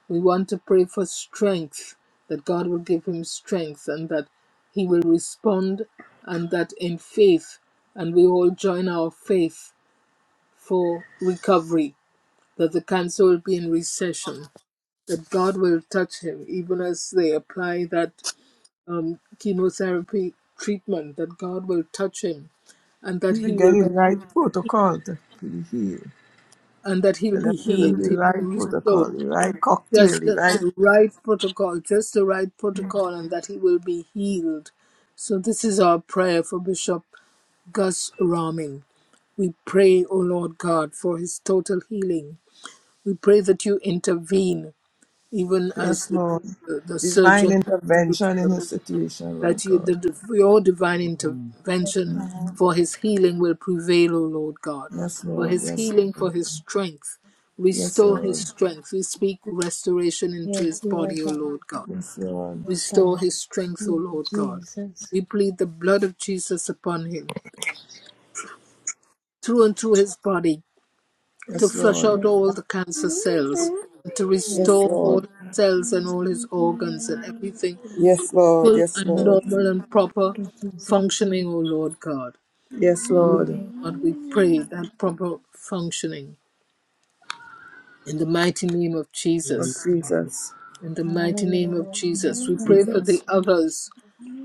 S3: We want to pray for strength, that God will give him strength and that he will respond and that in faith, and we all join our faith for recovery, that the cancer will be in recession, that God will touch him even as they apply that um, chemotherapy treatment, that God will touch him and that
S1: will
S3: he
S1: get
S3: will be
S1: the right protocol to to be healed.
S3: and that he'll
S1: So
S3: be
S1: let him give him
S3: healed,
S1: the
S3: he'll be
S1: right
S3: restored.
S1: protocol, the right cocktail,
S3: Just
S1: the
S3: the,
S1: right,
S3: the right protocol, just the right protocol, and that he will be healed. So, this is our prayer for Bishop Gus Raming. We pray, O Lord God, for his total healing. We pray that you intervene, even as
S1: yes,
S3: the,
S1: Lord.
S3: the, the
S1: Divine
S3: surgeon. is
S1: intervention in
S3: preparing
S1: his situation, Lord
S3: that you, the,
S1: God.
S3: your divine
S2: Yes,
S3: intervention
S1: Mm.
S2: God.
S3: for his healing will prevail, O Lord God,
S1: Yes,
S3: for
S1: Lord.
S3: his
S1: Yes,
S3: healing, for his strength.
S1: yes,
S3: Restore his
S1: Lord.
S3: strength. We speak restoration into
S2: Yes,
S3: his
S2: Lord
S3: body, O
S2: God.
S3: Lord God.
S1: Yes, Lord.
S2: Yes,
S3: Restore
S2: God.
S3: his strength, O
S2: Thank you,
S3: Lord God.
S2: Jesus.
S3: We plead the blood of Jesus upon him, through and through his body, to
S1: Yes,
S3: flush
S1: Lord.
S3: out
S2: Yes,
S3: all
S2: God.
S3: the cancer cells and to
S2: Yes,
S1: Yes,
S3: restore
S2: Lord.
S3: all
S1: Lord.
S3: his cells and all his organs and everything
S1: Yes, Lord.
S3: full
S1: Yes,
S3: and
S1: Lord.
S3: normal and proper
S2: Thank you, Jesus.
S3: functioning, O Lord God.
S1: Yes,
S3: Lord
S1: Lord.
S2: Hallelujah.
S3: God, we pray that proper functioning in the mighty name of
S1: Oh,
S3: Jesus.
S1: Jesus.
S3: In the mighty name of
S2: Hallelujah.
S3: Jesus, we
S2: Thank
S3: pray for
S2: you,
S3: the
S1: Jesus.
S2: Jesus.
S3: others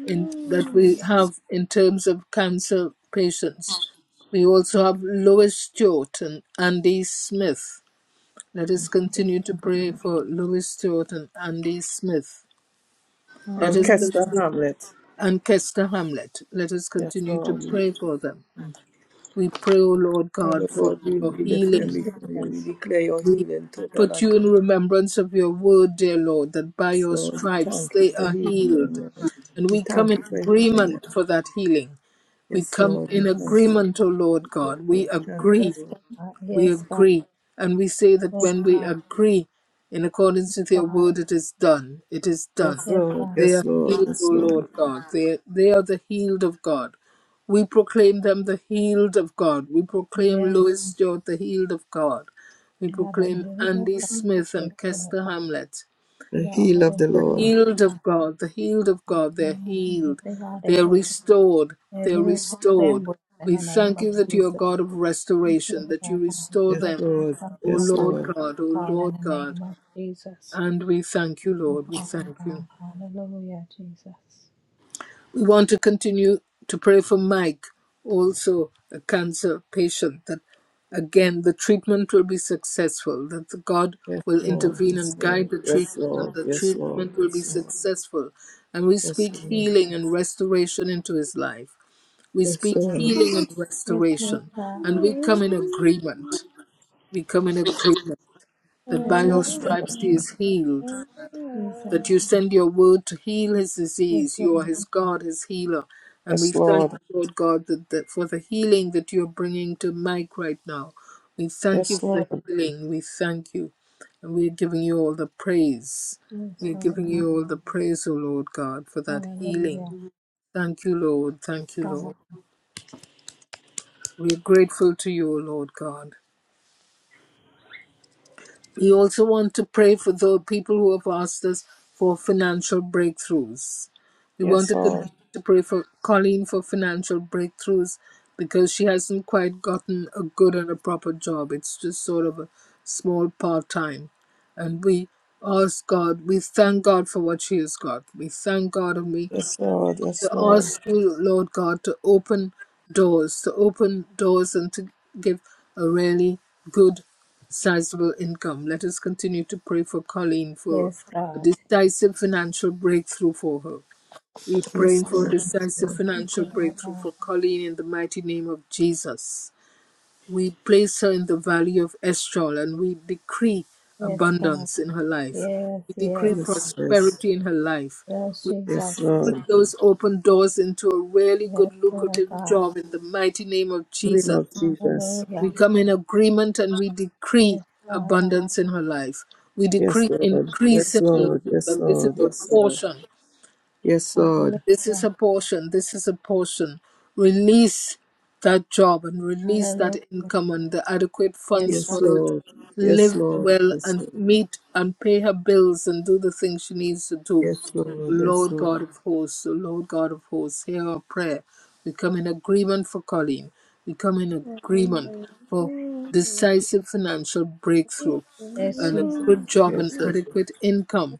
S3: in,
S1: And
S3: that we have in terms of cancer patients. We also have Lois Stewart and Andy Smith. Let us continue to pray for Lois Stewart and Andy Smith. Let us
S1: catch
S2: Hallelujah.
S1: the
S3: continue,
S1: Hamlet.
S3: and Kester Hamlet. Let us
S1: Yes,
S3: continue to
S1: Lord.
S3: pray for them. We pray, O Lord
S1: Father
S3: God, for
S1: God, we
S3: your
S1: we lift them
S2: Yes,
S3: healing
S1: before you.
S2: Jesus.
S1: We declare your
S3: We
S1: healing total
S3: put
S1: and
S3: you in
S1: complete.
S3: remembrance of your word, dear Lord, that by your
S1: Lord, we
S3: stripes
S1: thank you
S3: they
S1: for
S3: are
S1: healing them.
S3: healed.
S1: Lord.
S3: And
S1: We
S3: we come
S1: thank
S3: in
S1: you for healing them.
S3: agreement for that healing. We
S1: Yes,
S3: come
S1: Lord. We
S3: in
S1: thank you.
S3: agreement, O Lord God.
S1: Lord.
S3: We
S1: We thank you,
S3: agree
S2: Yes,
S1: Lord.
S2: God.
S3: we
S2: Yes, God.
S3: agree. And we say that
S2: Yes,
S3: when we
S2: God.
S3: agree in accordance with your
S2: God.
S3: word, it is done. It is done.
S1: Yes,
S2: Yes,
S1: Lord.
S2: God.
S3: They
S1: Yes,
S3: are
S1: Lord.
S3: healed, O
S1: Yes, Lord.
S3: Lord God. They, they are the healed of God. We proclaim them the healed of God. We proclaim
S2: Yes.
S3: Louis George the healed of God. We
S2: Yeah, the
S3: proclaim
S2: healed of
S3: Andy
S2: God.
S3: Smith
S2: Yes,
S3: and
S2: God.
S3: Kester Hamlet
S2: They
S1: The
S2: are
S1: heal
S2: all
S1: of
S2: the
S1: the
S3: the
S2: healed of
S1: Lord.
S3: healed
S2: God.
S3: of God, the healed of
S2: In the
S3: God, they're
S2: name of Jesus,
S3: healed,
S2: they are the
S3: they're
S2: healed.
S3: restored,
S2: They're
S3: they're
S2: healed, hold
S3: restored.
S2: them with in
S3: We
S2: the name
S3: thank
S2: of
S3: you that you are
S2: Jesus.
S3: God of
S2: We give
S3: restoration,
S2: it
S3: that you
S2: our
S3: restore
S1: Yes,
S2: God.
S3: them,
S2: Every
S1: Lord.
S2: function
S3: O
S2: and
S1: Yes,
S3: Lord
S2: proper
S1: Lord.
S3: God, O
S2: protocol in
S3: Lord
S2: the
S3: God.
S2: name of Jesus.
S3: And we thank you,
S2: Thank you,
S3: Lord, we
S2: Father
S3: thank you.
S2: God. Hallelujah, Jesus.
S3: We want to continue to pray for Mike, also a cancer patient, that again the treatment will be successful, that God
S1: Yes,
S3: will
S1: Lord.
S3: intervene
S1: Yes,
S3: and
S1: Lord.
S3: guide the
S1: Yes,
S3: treatment, and
S1: Lord.
S3: the
S1: Yes, Lord.
S3: treatment will be successful. And we
S1: Yes,
S3: speak
S1: Lord.
S3: healing and restoration into his life. We
S1: Yes,
S3: speak
S1: Lord.
S3: healing and
S2: Yes, Lord
S3: restoration.
S2: God.
S3: And we come in agreement. We come in agreement that by
S2: Yes,
S3: your
S2: God.
S3: stripes he is healed that you
S2: Jesus.
S3: send your word to heal his
S2: Yes,
S3: disease.
S2: Lord.
S3: You are his God, his healer. And we
S1: Yes,
S3: thank
S1: Lord.
S3: you, Lord God, that, that for the healing that you're bringing to Mike right now. We thank you
S1: Yes, Lord. Yes,
S3: for the
S1: Lord.
S3: healing. We thank you. And we're giving you all the praise.
S2: Yes,
S3: We're
S2: Lord
S3: giving you
S2: God.
S3: all the praise, O Lord God, for that
S2: Hallelujah.
S3: healing. Thank you, Lord. Thank
S2: Yes,
S3: you,
S2: God.
S3: Lord. We're grateful to you, O Lord God. We also want to pray for the people who have asked us for financial breakthroughs. We want
S1: Yes,
S3: to continue
S1: Lord.
S3: to pray for Colleen for financial breakthroughs because she hasn't quite gotten a good and a proper job. It's just sort of a small part time. And we ask God, we thank God for what she has got. We thank God and we
S1: Yes, Lord. Yes,
S3: to
S1: Lord.
S3: ask you, Lord God, to open doors, to open doors and to give a really good, sizable income. Let us continue to pray for Colleen for
S2: Yes,
S3: a
S2: God.
S3: decisive financial breakthrough for her. We're
S1: Yes,
S3: praying for a
S1: Lord. Yes,
S3: decisive
S1: Lord.
S2: Thank you,
S3: financial
S2: Lord
S3: breakthrough
S2: God.
S3: for Colleen in the mighty name of Jesus. We place her in the valley of Estrol and we decree
S2: Yes, God.
S3: abundance in her life.
S2: Yes,
S3: We decree
S2: yes.
S1: Yes, yes.
S3: prosperity in her life.
S2: Yes,
S3: We
S1: Yes,
S2: Jesus.
S3: bring
S1: Lord.
S3: those open doors into a really
S2: Yes,
S3: good
S2: Lord
S3: lucrative
S2: God.
S3: job in the mighty name of
S1: We
S3: Jesus.
S1: love Jesus.
S3: We
S2: Hallelujah.
S3: come in agreement and we decree
S2: Yes, Lord God.
S3: abundance in her life. We
S1: Yes,
S3: decree
S1: Lord.
S3: increase
S1: Yes,
S3: in her life,
S1: Lord. Yes,
S3: that this is
S1: Lord.
S3: a
S1: Yes, Lord.
S3: portion
S1: Yes, Lord.
S3: this is
S2: Hallelujah.
S3: a portion. This is a portion. Release that job and release that
S2: Hallelujah.
S3: income and the adequate
S2: Yes,
S3: funds
S2: God.
S3: for
S1: Yes,
S3: her to
S1: Lord. Yes,
S3: live
S1: Lord.
S3: well
S1: Yes,
S3: and
S1: Lord.
S3: meet and pay her bills and do the things she needs to do.
S1: Yes, Lord. Yes,
S3: Lord
S1: Lord.
S3: God of hosts, O Lord God of hosts, hear our prayer. We come in agreement for Colleen. We come in agreement for decisive financial breakthrough
S2: Yes,
S3: and a
S2: Jesus.
S3: good job and
S1: Yes,
S3: adequate
S1: Lord.
S3: income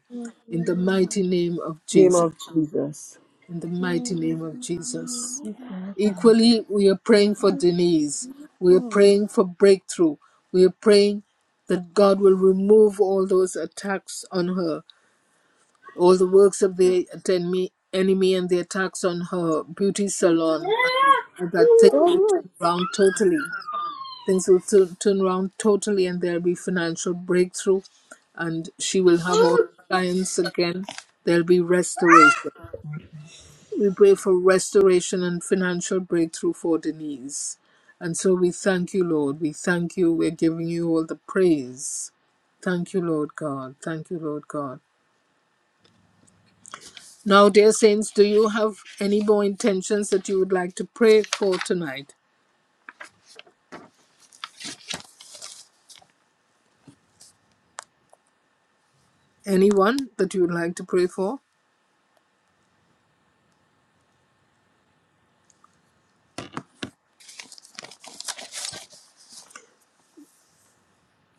S3: in the mighty name of
S1: Name
S3: Jesus
S1: of Jesus.
S3: in the mighty name of Jesus.
S2: Yes, Lord God.
S3: Equally, we are praying for Denise. We are praying for breakthrough. We are praying that God will remove all those attacks on her, all the works of the enemy enemy and the attacks on her beauty salon, and, and that things will turn
S1: Yeah.
S3: around totally. Things will tu- turn around totally, and there will be financial breakthrough, and she will have all clients again. There'll be restoration. We pray for restoration and financial breakthrough for Denise. And so we thank you, Lord. We thank you. We're giving you all the praise. Thank you, Lord God. Thank you, Lord God. Now, dear saints, do you have any more intentions that you would like to pray for tonight? Anyone that you would like to pray for?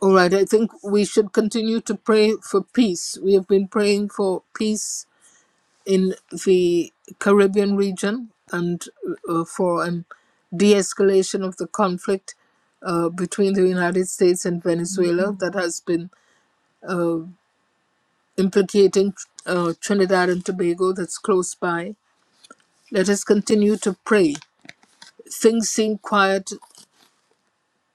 S3: All right, I think we should continue to pray for peace. We have been praying for peace in the Caribbean region and uh, for an de escalation of the conflict uh, between the United States and
S2: Mm-hmm.
S3: Venezuela that has been implicating uh, Trinidad and Tobago, that's close by. Let us continue to pray. Things seem quiet,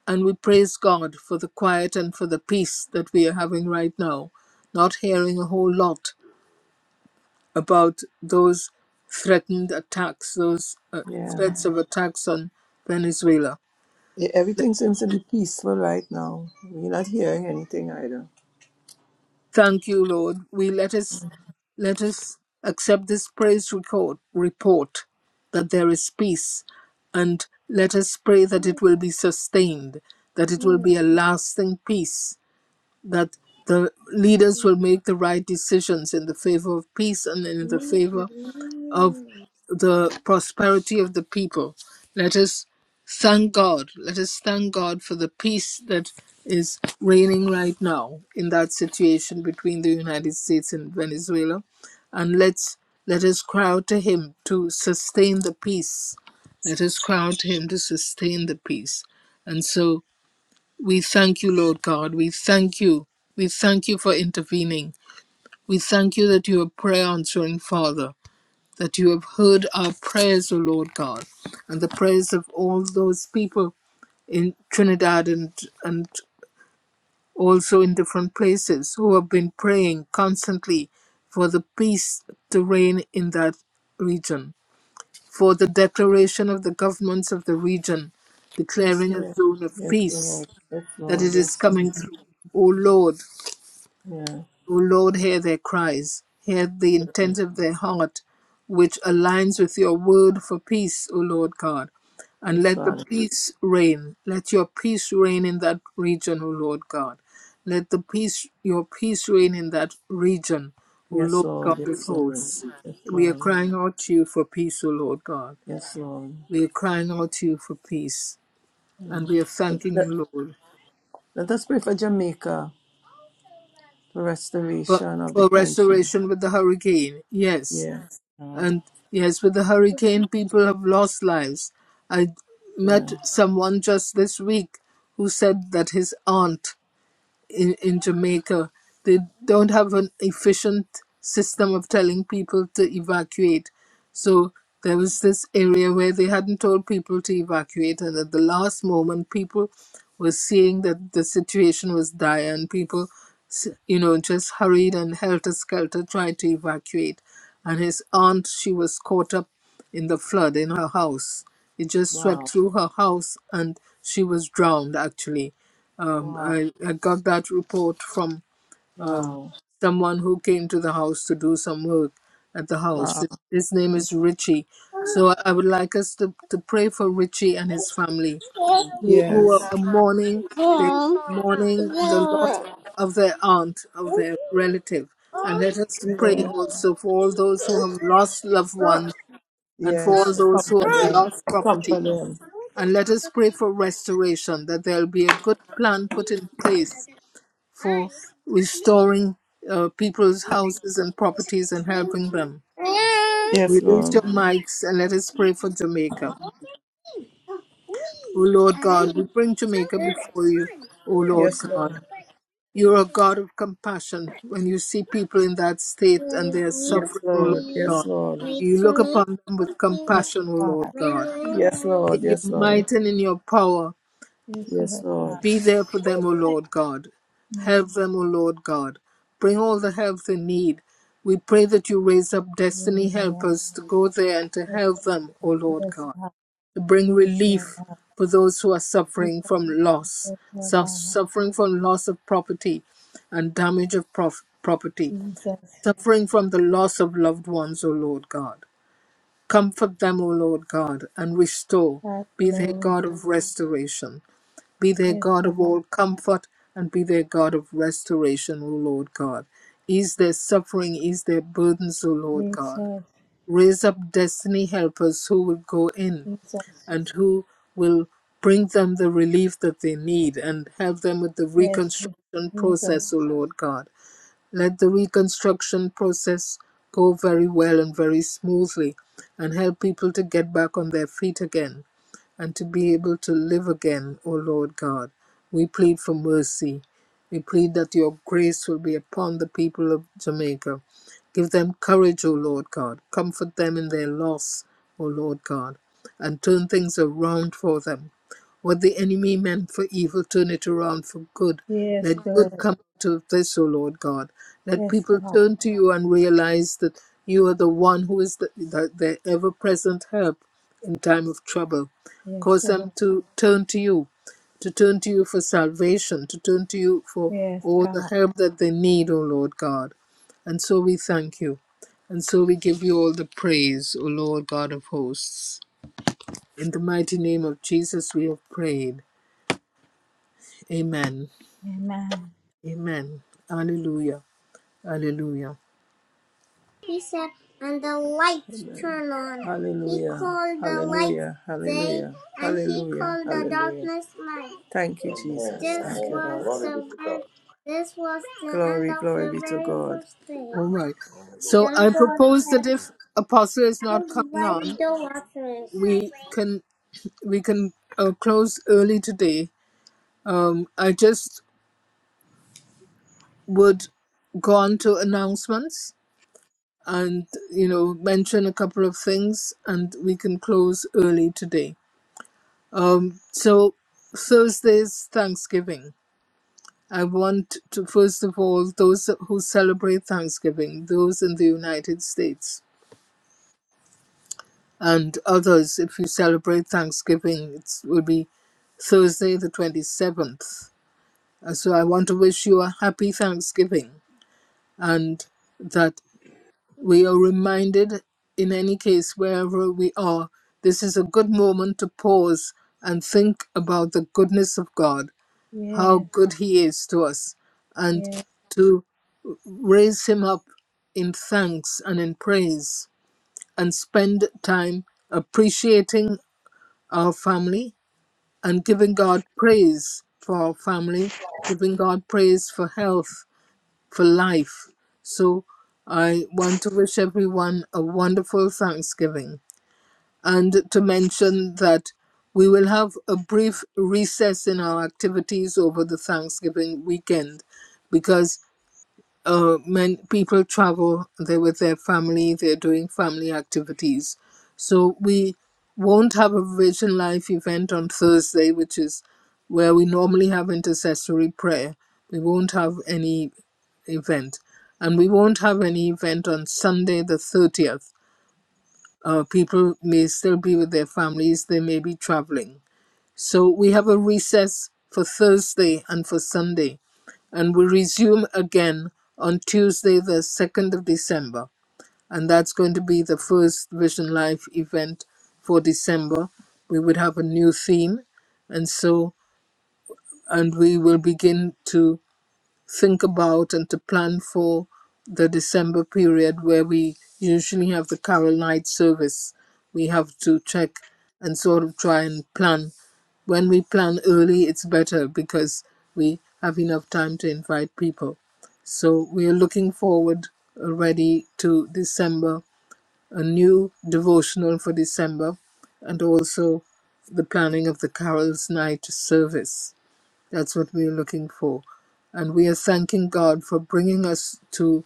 S3: and we praise God for the quiet and for the peace that we are having right now. Not hearing a whole lot about those threatened attacks, those uh, threats of attacks on Venezuela.
S1: Yeah, Everything seems to be peaceful right now. We're not hearing anything either.
S3: Thank you, Lord. We let us let us accept this praise record report that there is peace, and let us pray that it will be sustained, that it will be a lasting peace, that the leaders will make the right decisions in the favor of peace and in the favor of the prosperity of the people. Let us thank God. Let us thank God for the peace that is reigning right now in that situation between the United States and Venezuela. And let's let us cry out to him to sustain the peace. Let us cry out to him to sustain the peace. And so we thank you, Lord God. We thank you. We thank you for intervening. We thank you that you are a prayer answering Father that you have heard our prayers, O Lord God, and the prayers of all those people in Trinidad and, and also in different places who have been praying constantly for the peace to reign in that region, for the declaration of the governments of the region
S1: Yes,
S3: declaring a
S1: Lord.
S3: zone of
S1: Yes,
S3: peace
S1: Lord. Yes,
S3: that
S1: Lord.
S3: it is
S1: Yes.
S3: coming through. O Lord,
S1: Yeah.
S3: O Lord, hear their cries. Hear the intent of their heart, which aligns with your word for peace, O Lord God. And
S1: Yes,
S3: let the
S1: Father.
S3: peace reign. Let your peace reign in that region, O Lord God. Let the peace, your peace reign in that region, O
S1: Yes,
S3: Lord
S1: Lord.
S3: God of
S1: Yes, Lord.
S3: hosts.
S1: Yes,
S3: We are
S1: Lord.
S3: crying out to you for peace, O Lord God.
S1: Yes, Lord.
S3: We are crying out to you for peace. And
S1: Mm.
S3: we are
S1: Let,
S3: thanking
S1: let-
S3: you, Lord,
S1: let us pray for Jamaica, for
S3: for,
S1: restoration of the
S3: for
S1: country.
S3: restoration with the hurricane. Yes
S1: Yes, God.
S3: and yes, with the hurricane, people have lost lives. I met
S1: Yeah.
S3: someone just this week who said that his aunt in, in Jamaica. They don't have an efficient system of telling people to evacuate. So there was this area where they hadn't told people to evacuate, and at the last moment, people were seeing that the situation was dire, and people, you know, just hurried and helter skelter tried to evacuate. And his aunt, she was caught up in the flood in her house. It just swept
S1: Wow.
S3: through her house, and she was drowned actually um,
S1: Wow.
S3: I, I got that report from um,
S1: Wow.
S3: someone who came to the house to do some work at the house.
S1: Wow.
S3: His name is Richie. So I I would like us to, to pray for Richie and his family who, who
S1: Yes.
S3: are mourning, they're mourning the loss
S1: Yeah.
S3: of their aunt, of their relative. And let us pray also for all those who have lost loved ones and for
S1: Yes.
S3: all
S1: Come
S3: those who have
S1: for them.
S3: lost
S1: Come
S3: property.
S1: for them.
S3: And let us pray for restoration, that there'll be a good plan put in place for restoring uh, people's houses and properties and helping them.
S1: Yes,
S3: Release
S1: Lord.
S3: your mics and let us pray for Jamaica. O Lord God, we bring Jamaica before you, O Lord
S1: Yes,
S3: God.
S1: Lord.
S3: You're a God of compassion. When you see people in that state and they are
S1: Yes,
S3: suffering, O Lord
S1: Lord.
S3: God,
S1: Yes, Lord. Yes,
S3: you look
S1: Lord.
S3: upon them with
S2: Yes,
S3: compassion, O Lord
S2: God.
S3: God.
S1: Yes,
S3: In your
S1: Lord.
S3: might and in your power,
S2: Yes,
S1: Yes,
S2: Lord God.
S1: Lord.
S3: Be there for them, O Lord God.
S2: Yes,
S3: Help them, O Lord God. Bring all the help they need. We pray that you raise up destiny
S2: Hallelujah.
S3: helpers to go there and to
S2: Yes,
S3: help
S2: Lord
S3: them, O
S2: God.
S3: Lord
S2: Yes,
S3: God,
S2: God.
S3: to bring
S2: Yes, Lord
S3: relief
S2: God.
S3: for those who are
S2: Yes,
S3: suffering
S2: God.
S3: from loss,
S2: Yes, Lord
S3: su-
S2: God.
S3: suffering from loss of property and damage of prof- property,
S2: Jesus.
S3: suffering from the loss of loved ones, O Lord God. Comfort them, O Lord God, and restore. Be their God
S2: Hallelujah.
S3: of restoration. Be their
S2: Yes,
S3: God
S2: God.
S3: of all comfort and be their God of restoration, O Lord God. Ease their suffering, ease their burdens, O Lord God.
S2: Jesus,
S3: Raise up destiny helpers who will go in
S2: Jesus,
S3: and who will bring them the relief that they need and help them with the
S2: yes,
S3: reconstruction process,
S2: Jesus,
S3: O Lord God. Let the reconstruction process go very well and very smoothly and help people to get back on their feet again and to be able to live again, O Lord God. We plead for mercy. We plead that your grace will be upon the people of Jamaica. Give them courage, O Lord God. Comfort them in their loss, O Lord God, and turn things around for them. What the enemy meant for evil, turn it around for good.
S2: yes,
S3: Let good
S2: good,
S3: come out of this, O Lord God. Let
S2: yes,
S3: people
S2: God,
S3: turn to you and realize that you are the one who is the, the, their ever present help in time of trouble.
S2: yes,
S3: Cause
S2: Lord,
S3: them to turn to you, to turn to you for salvation, to turn to you for
S2: yes,
S3: all the
S2: God,
S3: help that they need, O Lord God. And so we thank you. And so we give you all the praise, O Lord God of hosts. In the mighty name of Jesus, we have prayed. Amen.
S2: Amen,
S3: Amen. Hallelujah. Hallelujah.
S1: He said, and the lights Amen. turn on. Hallelujah. He called the light Hallelujah. Hallelujah. day, and he Hallelujah. called the Hallelujah. darkness night. Thank you, Jesus. This Thank you, was Lord. the ver- this was the glory, end of glory the be to very God. first day.
S3: All right. So
S1: Then
S3: I
S1: God
S3: propose
S1: said,
S3: that if Apostle is
S1: "I will
S3: not coming
S1: divide
S3: on,
S1: the waters."
S3: we can we can uh, close early today. Um, I just would go on to announcements and you know mention a couple of things, and we can close early today. Um, so Thursday's Thanksgiving. I want to, first of all, those who celebrate Thanksgiving, those in the United States, and others, if you celebrate Thanksgiving, it will be Thursday, the 27th. And so I want to wish you a happy Thanksgiving and that we are reminded, in any case, wherever we are, this is a good moment to pause and think about the goodness of God,
S2: yes,
S3: how good He is to us, and
S2: yes,
S3: to raise him up in thanks and in praise and spend time appreciating our family and giving God praise for our family, giving God praise for health, for life. So I want to wish everyone a wonderful Thanksgiving and to mention that we will have a brief recess in our activities over the Thanksgiving weekend because. uh, men people travel they're with their family they're doing family activities so we won't have a vision life event on thursday which is where we normally have intercessory prayer we won't have any event and we won't have any event on sunday the 30th uh, people may still be with their families they may be traveling so we have a recess for Thursday and for Sunday, and we resume again on Tuesday, the 2nd of December. And that's going to be the first Vision Life event for December. We would have a new theme, and so, and we will begin to think about and to plan for the December period where we usually have the Carol night service. We have to check and sort of try and plan. When we plan early, it's better because we have enough time to invite people. So we are looking forward already to December, a new devotional for December, and also the planning of the Carol's night service. That's what we're looking for. And we are thanking God for bringing us to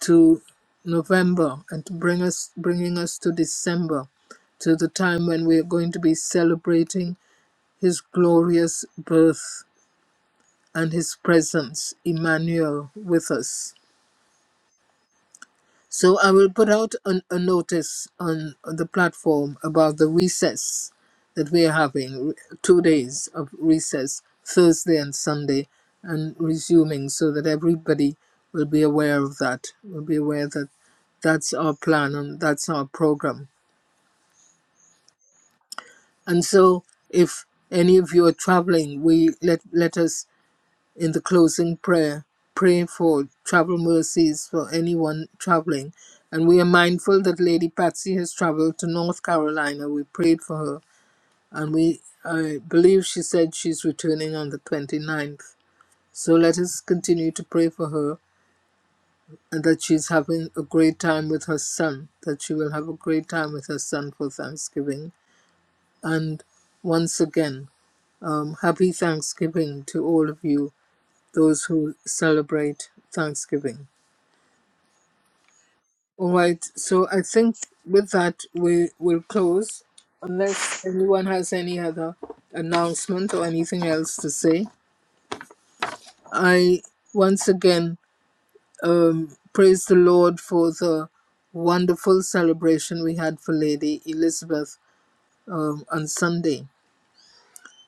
S3: to November and to bring us bringing us to December, to the time when we are going to be celebrating His glorious birth and His presence, Emmanuel, with us. So I will put out an, a notice on, on the platform about the recess that we are having, two days of recess, Thursday and Sunday, and resuming so that everybody will be aware of that, will be aware that that's our plan and that's our program. And so if any of you are traveling, we let, let us in the closing prayer, pray for travel mercies for anyone traveling. And we are mindful that Lady Patsy has traveled to North Carolina. We prayed for her. And we, I believe she said she's returning on the twenty-ninth. So let us continue to pray for her and that she's having a great time with her son, that she will have a great time with her son for Thanksgiving. And once again, um, happy Thanksgiving to all of you, those who celebrate Thanksgiving. All right. So I think with that we will close, unless anyone has any other announcement or anything else to say. I once again um, praise the Lord for the wonderful celebration we had for Lady Elizabeth um, on Sunday,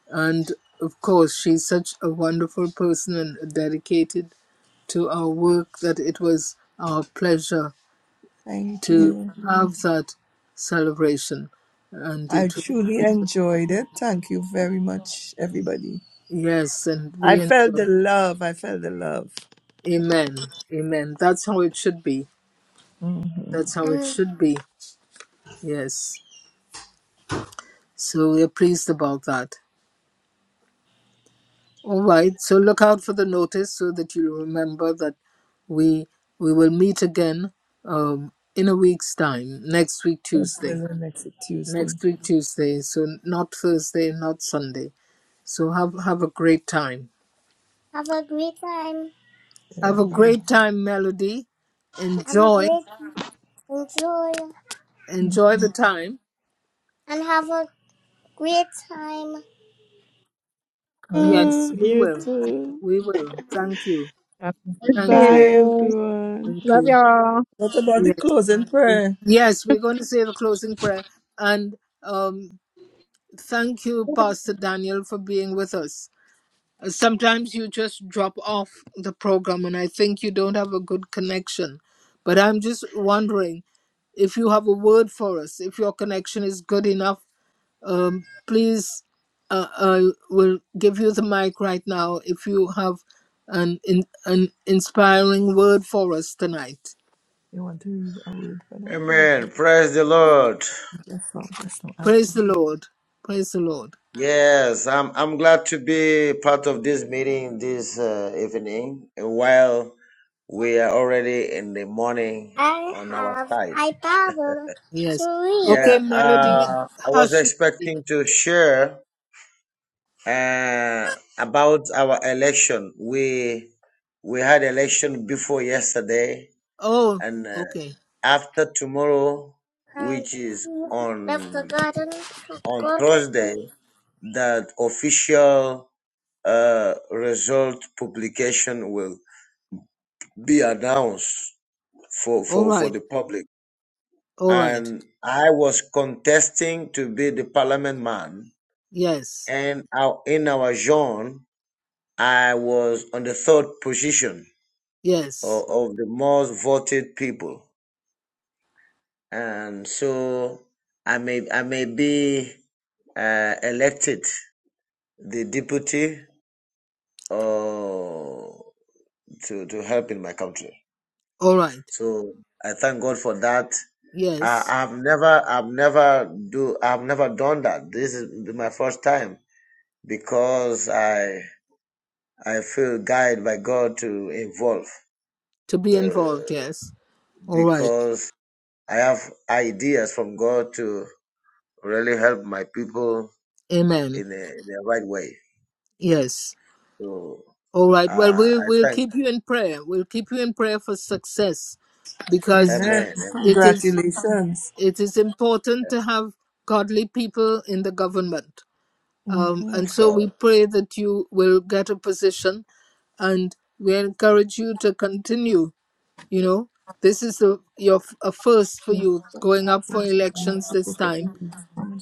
S3: and of course she's such a wonderful person and dedicated to our work that it was our pleasure
S1: Thank
S3: to
S1: you.
S3: have that celebration. And
S1: I
S3: it
S1: truly
S3: was,
S1: enjoyed it. Thank you very much, everybody.
S3: yes, and
S1: I
S3: we
S1: felt the
S3: enjoy.
S1: love. I felt the love.
S3: Amen. Amen. That's how it should be.
S1: Mm-hmm.
S3: That's how it
S1: Um,
S3: should be. Yes. So we're pleased about that. All right. So look out for the notice so that you remember that we we will meet again um, in a week's time, next week
S1: What's the
S3: Tuesday.
S1: next Tuesday?
S3: Next week Tuesday. So not Thursday, not Sunday. So have have a great time
S1: have a great time.
S3: Have
S1: Yeah.
S3: a
S1: All right.
S3: great time, Melody.
S1: Have a
S3: Enjoy.
S1: great enjoy Mm.
S3: Enjoy the time.
S1: and have a great time. All right.
S3: Yes,
S5: Oh,
S3: we
S5: You
S3: will.
S5: too.
S3: We will. Thank you.
S4: Happy
S3: Thank
S5: Bye,
S3: you.
S4: birthday.
S5: everyone.
S3: Thank
S4: Love
S3: you.
S4: y'all.
S1: What about the
S3: Yes.
S1: closing prayer?
S3: Yes, we're going to say the closing prayer. And um, thank you, Pastor Daniel, for being with us. Uh, Sometimes you just drop off the program, and I think you don't have a good connection. But I'm just wondering if you have a word for us, if your connection is good enough Um, please, uh, I will give you the mic right now if you have an in, an inspiring word for us tonight.
S1: You want to read a word for them?
S6: Amen. Praise the Lord.
S1: That's not. That's not after.
S3: Praise the
S1: you.
S3: Lord. Praise the Lord.
S6: Yes, I'm I'm glad to be part of this meeting this uh, evening. While we are already in the morning
S1: I
S6: on our
S1: have
S6: side.
S1: I Bible to
S3: Yes.
S1: read.
S6: Yeah,
S3: Okay, Melody.
S6: uh, I was
S3: Hush. Melody.
S6: expecting to share uh, about our election. We we had election before yesterday,
S3: Oh,
S6: and uh,
S3: okay.
S6: after tomorrow,
S1: and
S6: which is
S1: he left the
S6: on
S1: garden of
S6: on
S1: God.
S6: Thursday,
S1: with
S6: that official uh, result publication will be announced for,
S3: All
S6: for, for
S3: right.
S6: the public.
S3: All right.
S6: And I was contesting to be the parliament man.
S3: Yes.
S6: And our, in our zone, I was on the third position
S3: Yes.
S6: of, of the most voted people. And so I may, I may be uh, elected the deputy uh, to, to help in my country.
S3: All right.
S6: So I thank God for that. I,
S3: Yes.
S6: I've never, I've never do, I've never done that. This is my first time because I, I feel guided by God to involve
S3: To be involved.
S6: uh,
S3: Yes. All right.
S6: because I have ideas from God to really help my people
S3: Amen.
S6: in the, in the right way.
S3: Yes.
S6: So
S3: All right. Well,
S6: uh,
S3: we
S6: I
S3: we'll
S6: thank,
S3: keep you in prayer. We'll keep you in prayer for success, because
S1: Amen.
S6: Amen, Amen,
S3: it is
S1: Congratulations.
S3: it is important to have godly people in the government. Um,
S1: Mm-hmm.
S3: and
S6: of
S3: so we
S6: course,
S3: pray that you will get a position, and we encourage you to continue. You know, this is a, your a first for
S1: Mm-hmm.
S3: you going up for elections this time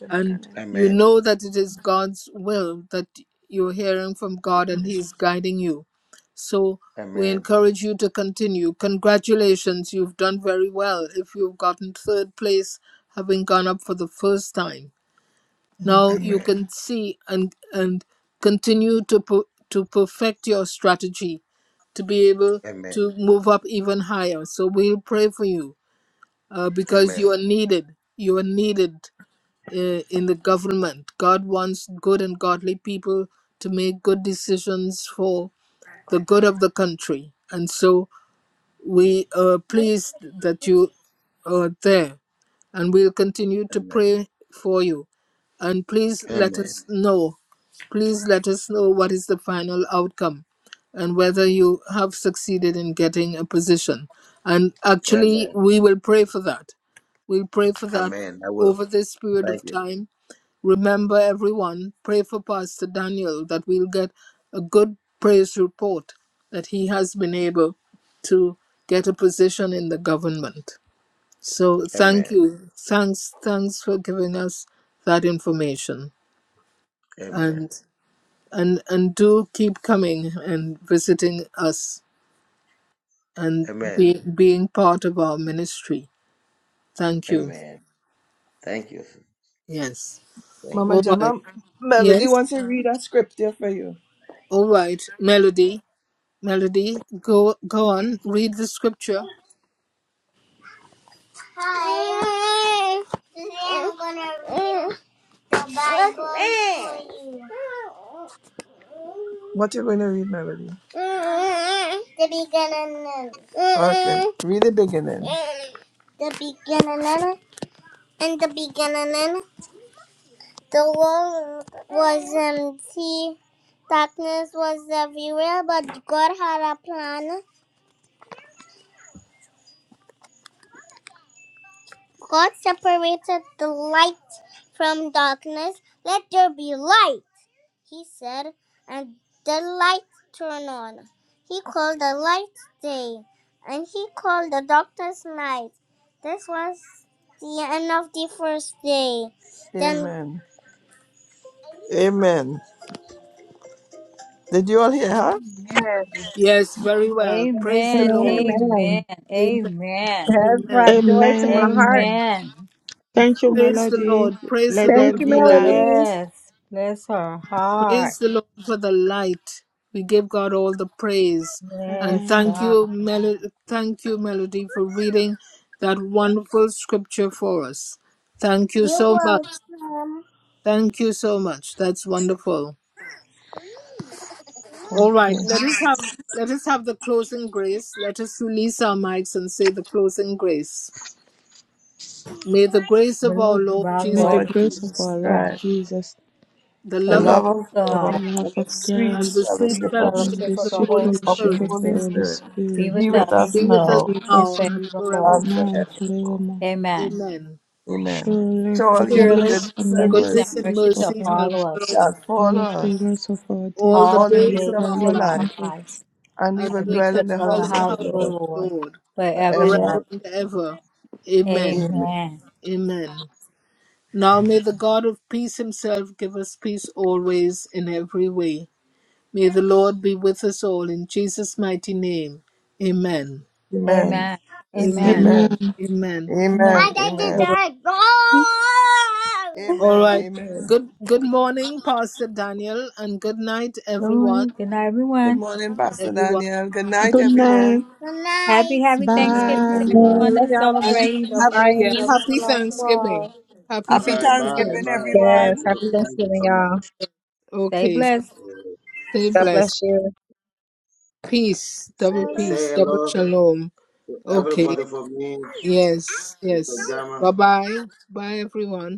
S3: and you
S6: Amen,
S3: know that it is God's will that you're hearing from God and He is guiding you. So we
S6: Amen,
S3: encourage you to continue. Congratulations, you've done very well if you've gotten third place, having gone up for the first time. Now you
S6: Amen,
S3: can see and and continue to per- to perfect your strategy to be able
S6: Amen,
S3: to move up even higher. So we'll pray for you uh, because you
S6: Amen,
S3: are needed. You are needed i- in the government. God wants good and godly people to make good decisions for the good of the country. And so we are pleased that you are there. And we'll continue to pray for you. And please let us know. Please let us know what is the final outcome and whether you have succeeded in getting a position. And actually, we will pray for that. We'll pray for that over this period of time Remember, everyone, pray for Pastor Daniel that we'll get a good praise report that he has been able to get a position in the government. So, thank
S6: Amen,
S3: you. Thanks, thanks for giving us that information.
S6: Amen.
S3: And and and do keep coming and visiting us and
S6: Amen.
S3: be, being part of our ministry. Thank you.
S6: Amen. Thank you.
S3: Yes.
S6: Thank
S1: Mama
S3: All right.
S1: Jama, Melody
S3: Yes.
S1: wants to read a script here for you.
S3: All right. Melody. Melody, go go on, read the scripture.
S1: Hi. Today I'm gonna read a Bible for you. What you going to read, Melody? Mm-hmm. The beginning. Mm-hmm. Okay, read the beginning. Mm-hmm. The beginning. In the beginning, the world was empty. Darkness was everywhere, but God had a plan. God separated the light from darkness. Let there be light. he said, and the lights turned on. He called the lights day, and he called the doctor's night. This was the end of the first day. Then Amen. Amen. Did you all hear her?
S4: Amen.
S3: Yes, very well. Praise the
S2: Amen,
S3: Lord.
S2: Amen,
S4: Amen.
S3: Amen.
S2: Amen,
S4: That's right.
S3: Amen.
S5: Amen.
S2: Amen,
S5: Thank you,
S3: Praise the
S5: Melody.
S3: Lord. Praise the
S5: Let there
S4: Thank
S3: Lord
S4: you,
S3: for
S5: be
S3: the light.
S5: light.
S4: Melody.
S2: yes, bless her heart,
S3: Praise the Lord for the light. We give God all the praise. And
S2: yes,
S3: thank
S5: Amen.
S2: God,
S3: you, Mel- thank you, Melody, for reading that wonderful scripture for us. Thank you
S1: you
S3: so much.
S1: will come.
S3: Thank you so much. That's wonderful. All right,
S1: Okay.
S3: let us have let us have the closing grace. Let us release our mics and say the closing grace. May the grace
S2: the
S3: of our
S2: love of
S3: Lord
S2: our
S3: Jesus,
S5: May the
S2: Lord
S1: Lord
S5: grace of
S2: Jesus
S1: Jesus
S5: our Lord
S2: Christ,
S1: Christ,
S5: Jesus,
S3: the
S2: the
S1: the
S3: love of
S1: love
S2: love
S1: of
S3: God,
S2: of
S5: the
S1: God,
S2: God,
S1: and
S5: love of
S1: the sweet
S5: God,
S3: and the sweet
S2: the
S1: fellowship of the,
S5: and
S3: fellowship
S2: fellowship
S5: the
S3: of
S2: of
S3: the
S2: the
S5: sweet
S3: Holy
S2: Holy
S1: of the
S5: fellowship of
S2: Spirit,
S3: Spirit
S5: the
S1: Holy
S5: Holy
S1: Spirit
S2: be
S5: Spirit
S1: be
S2: with
S1: with
S2: us
S1: us
S3: be with
S5: be
S2: now
S3: us
S1: now
S5: with
S2: and
S5: us
S3: now
S5: and
S3: and
S2: forevermore.
S3: forevermore.
S1: and
S5: now and
S1: forever.
S5: forevermore.
S2: Amen.
S3: Amen.
S1: Amen.
S5: Surely
S1: Surely
S3: Surely
S2: Surely
S5: goodness
S1: goodness
S5: and
S1: and
S2: goodness
S5: mercy
S2: and
S3: goodness
S1: mercy
S3: and
S5: shall
S2: mercy shall
S3: mercy shall
S5: follow
S2: follow
S5: us
S3: follow
S2: us
S1: shall
S3: us
S5: all of
S1: follow us
S5: the rest of our
S3: all
S5: days,
S3: the
S1: all
S2: all
S1: the
S2: the
S5: and we
S3: days
S1: days
S3: of
S1: of
S5: shall
S3: our
S2: days
S1: our
S2: of
S5: live
S3: life,
S5: in
S2: our
S1: life,
S5: hope.
S2: lives,
S1: and we
S3: and
S1: will
S2: and
S3: we
S2: we
S1: dwell
S3: shall
S2: shall
S1: in the
S2: dwell in
S3: dwell
S2: the
S1: house
S3: in the
S1: of
S2: house
S1: the
S3: house
S2: of the
S3: of
S1: Lord
S3: the
S2: Lord
S3: Lord
S2: forever and
S1: forever.
S2: ever.
S3: forever
S1: and
S3: and
S1: ever.
S3: ever. Amen.
S1: Amen.
S2: Amen.
S3: Amen. Now may the God of peace himself give us peace always in every way. May the Lord be with us all in Jesus' mighty name. Amen.
S1: Amen.
S2: Amen.
S3: Amen.
S2: Amen.
S1: Amen.
S5: Amen.
S3: Amen.
S1: Amen. My
S2: Amen.
S1: dad did Amen.
S3: All right.
S1: died.
S2: Good
S3: All
S1: Amen.
S3: right.
S1: Amen.
S3: Good good morning, Pastor Daniel, and good night, everyone.
S2: morning. Good night,
S1: Good
S2: everyone.
S1: morning, Pastor
S3: Everyone.
S1: Daniel. Good night,
S5: Good night.
S1: everyone. Good
S2: Happy,
S1: night.
S2: happy
S1: Good night,
S2: Thanksgiving
S5: Bye.
S2: to
S4: Yeah,
S2: everyone
S1: everyone.
S4: Love
S2: that's
S3: And
S4: y'all.
S2: celebrating double
S3: happy,
S2: grace
S3: yeah,
S2: and
S4: Bye.
S2: double
S3: happy
S2: shalom to
S3: Thanksgiving.
S2: all.
S3: Happy
S1: Happy
S3: Thanksgiving.
S1: Thanksgiving,
S4: Yes.
S1: everyone.
S4: Happy Thanksgiving, y'all.
S2: Stay
S3: Okay.
S2: blessed.
S3: Stay
S4: God
S3: blessed.
S4: bless you.
S3: Peace. Double peace. Double shalom. Okay. Yes, yes. Bye bye. Bye, everyone.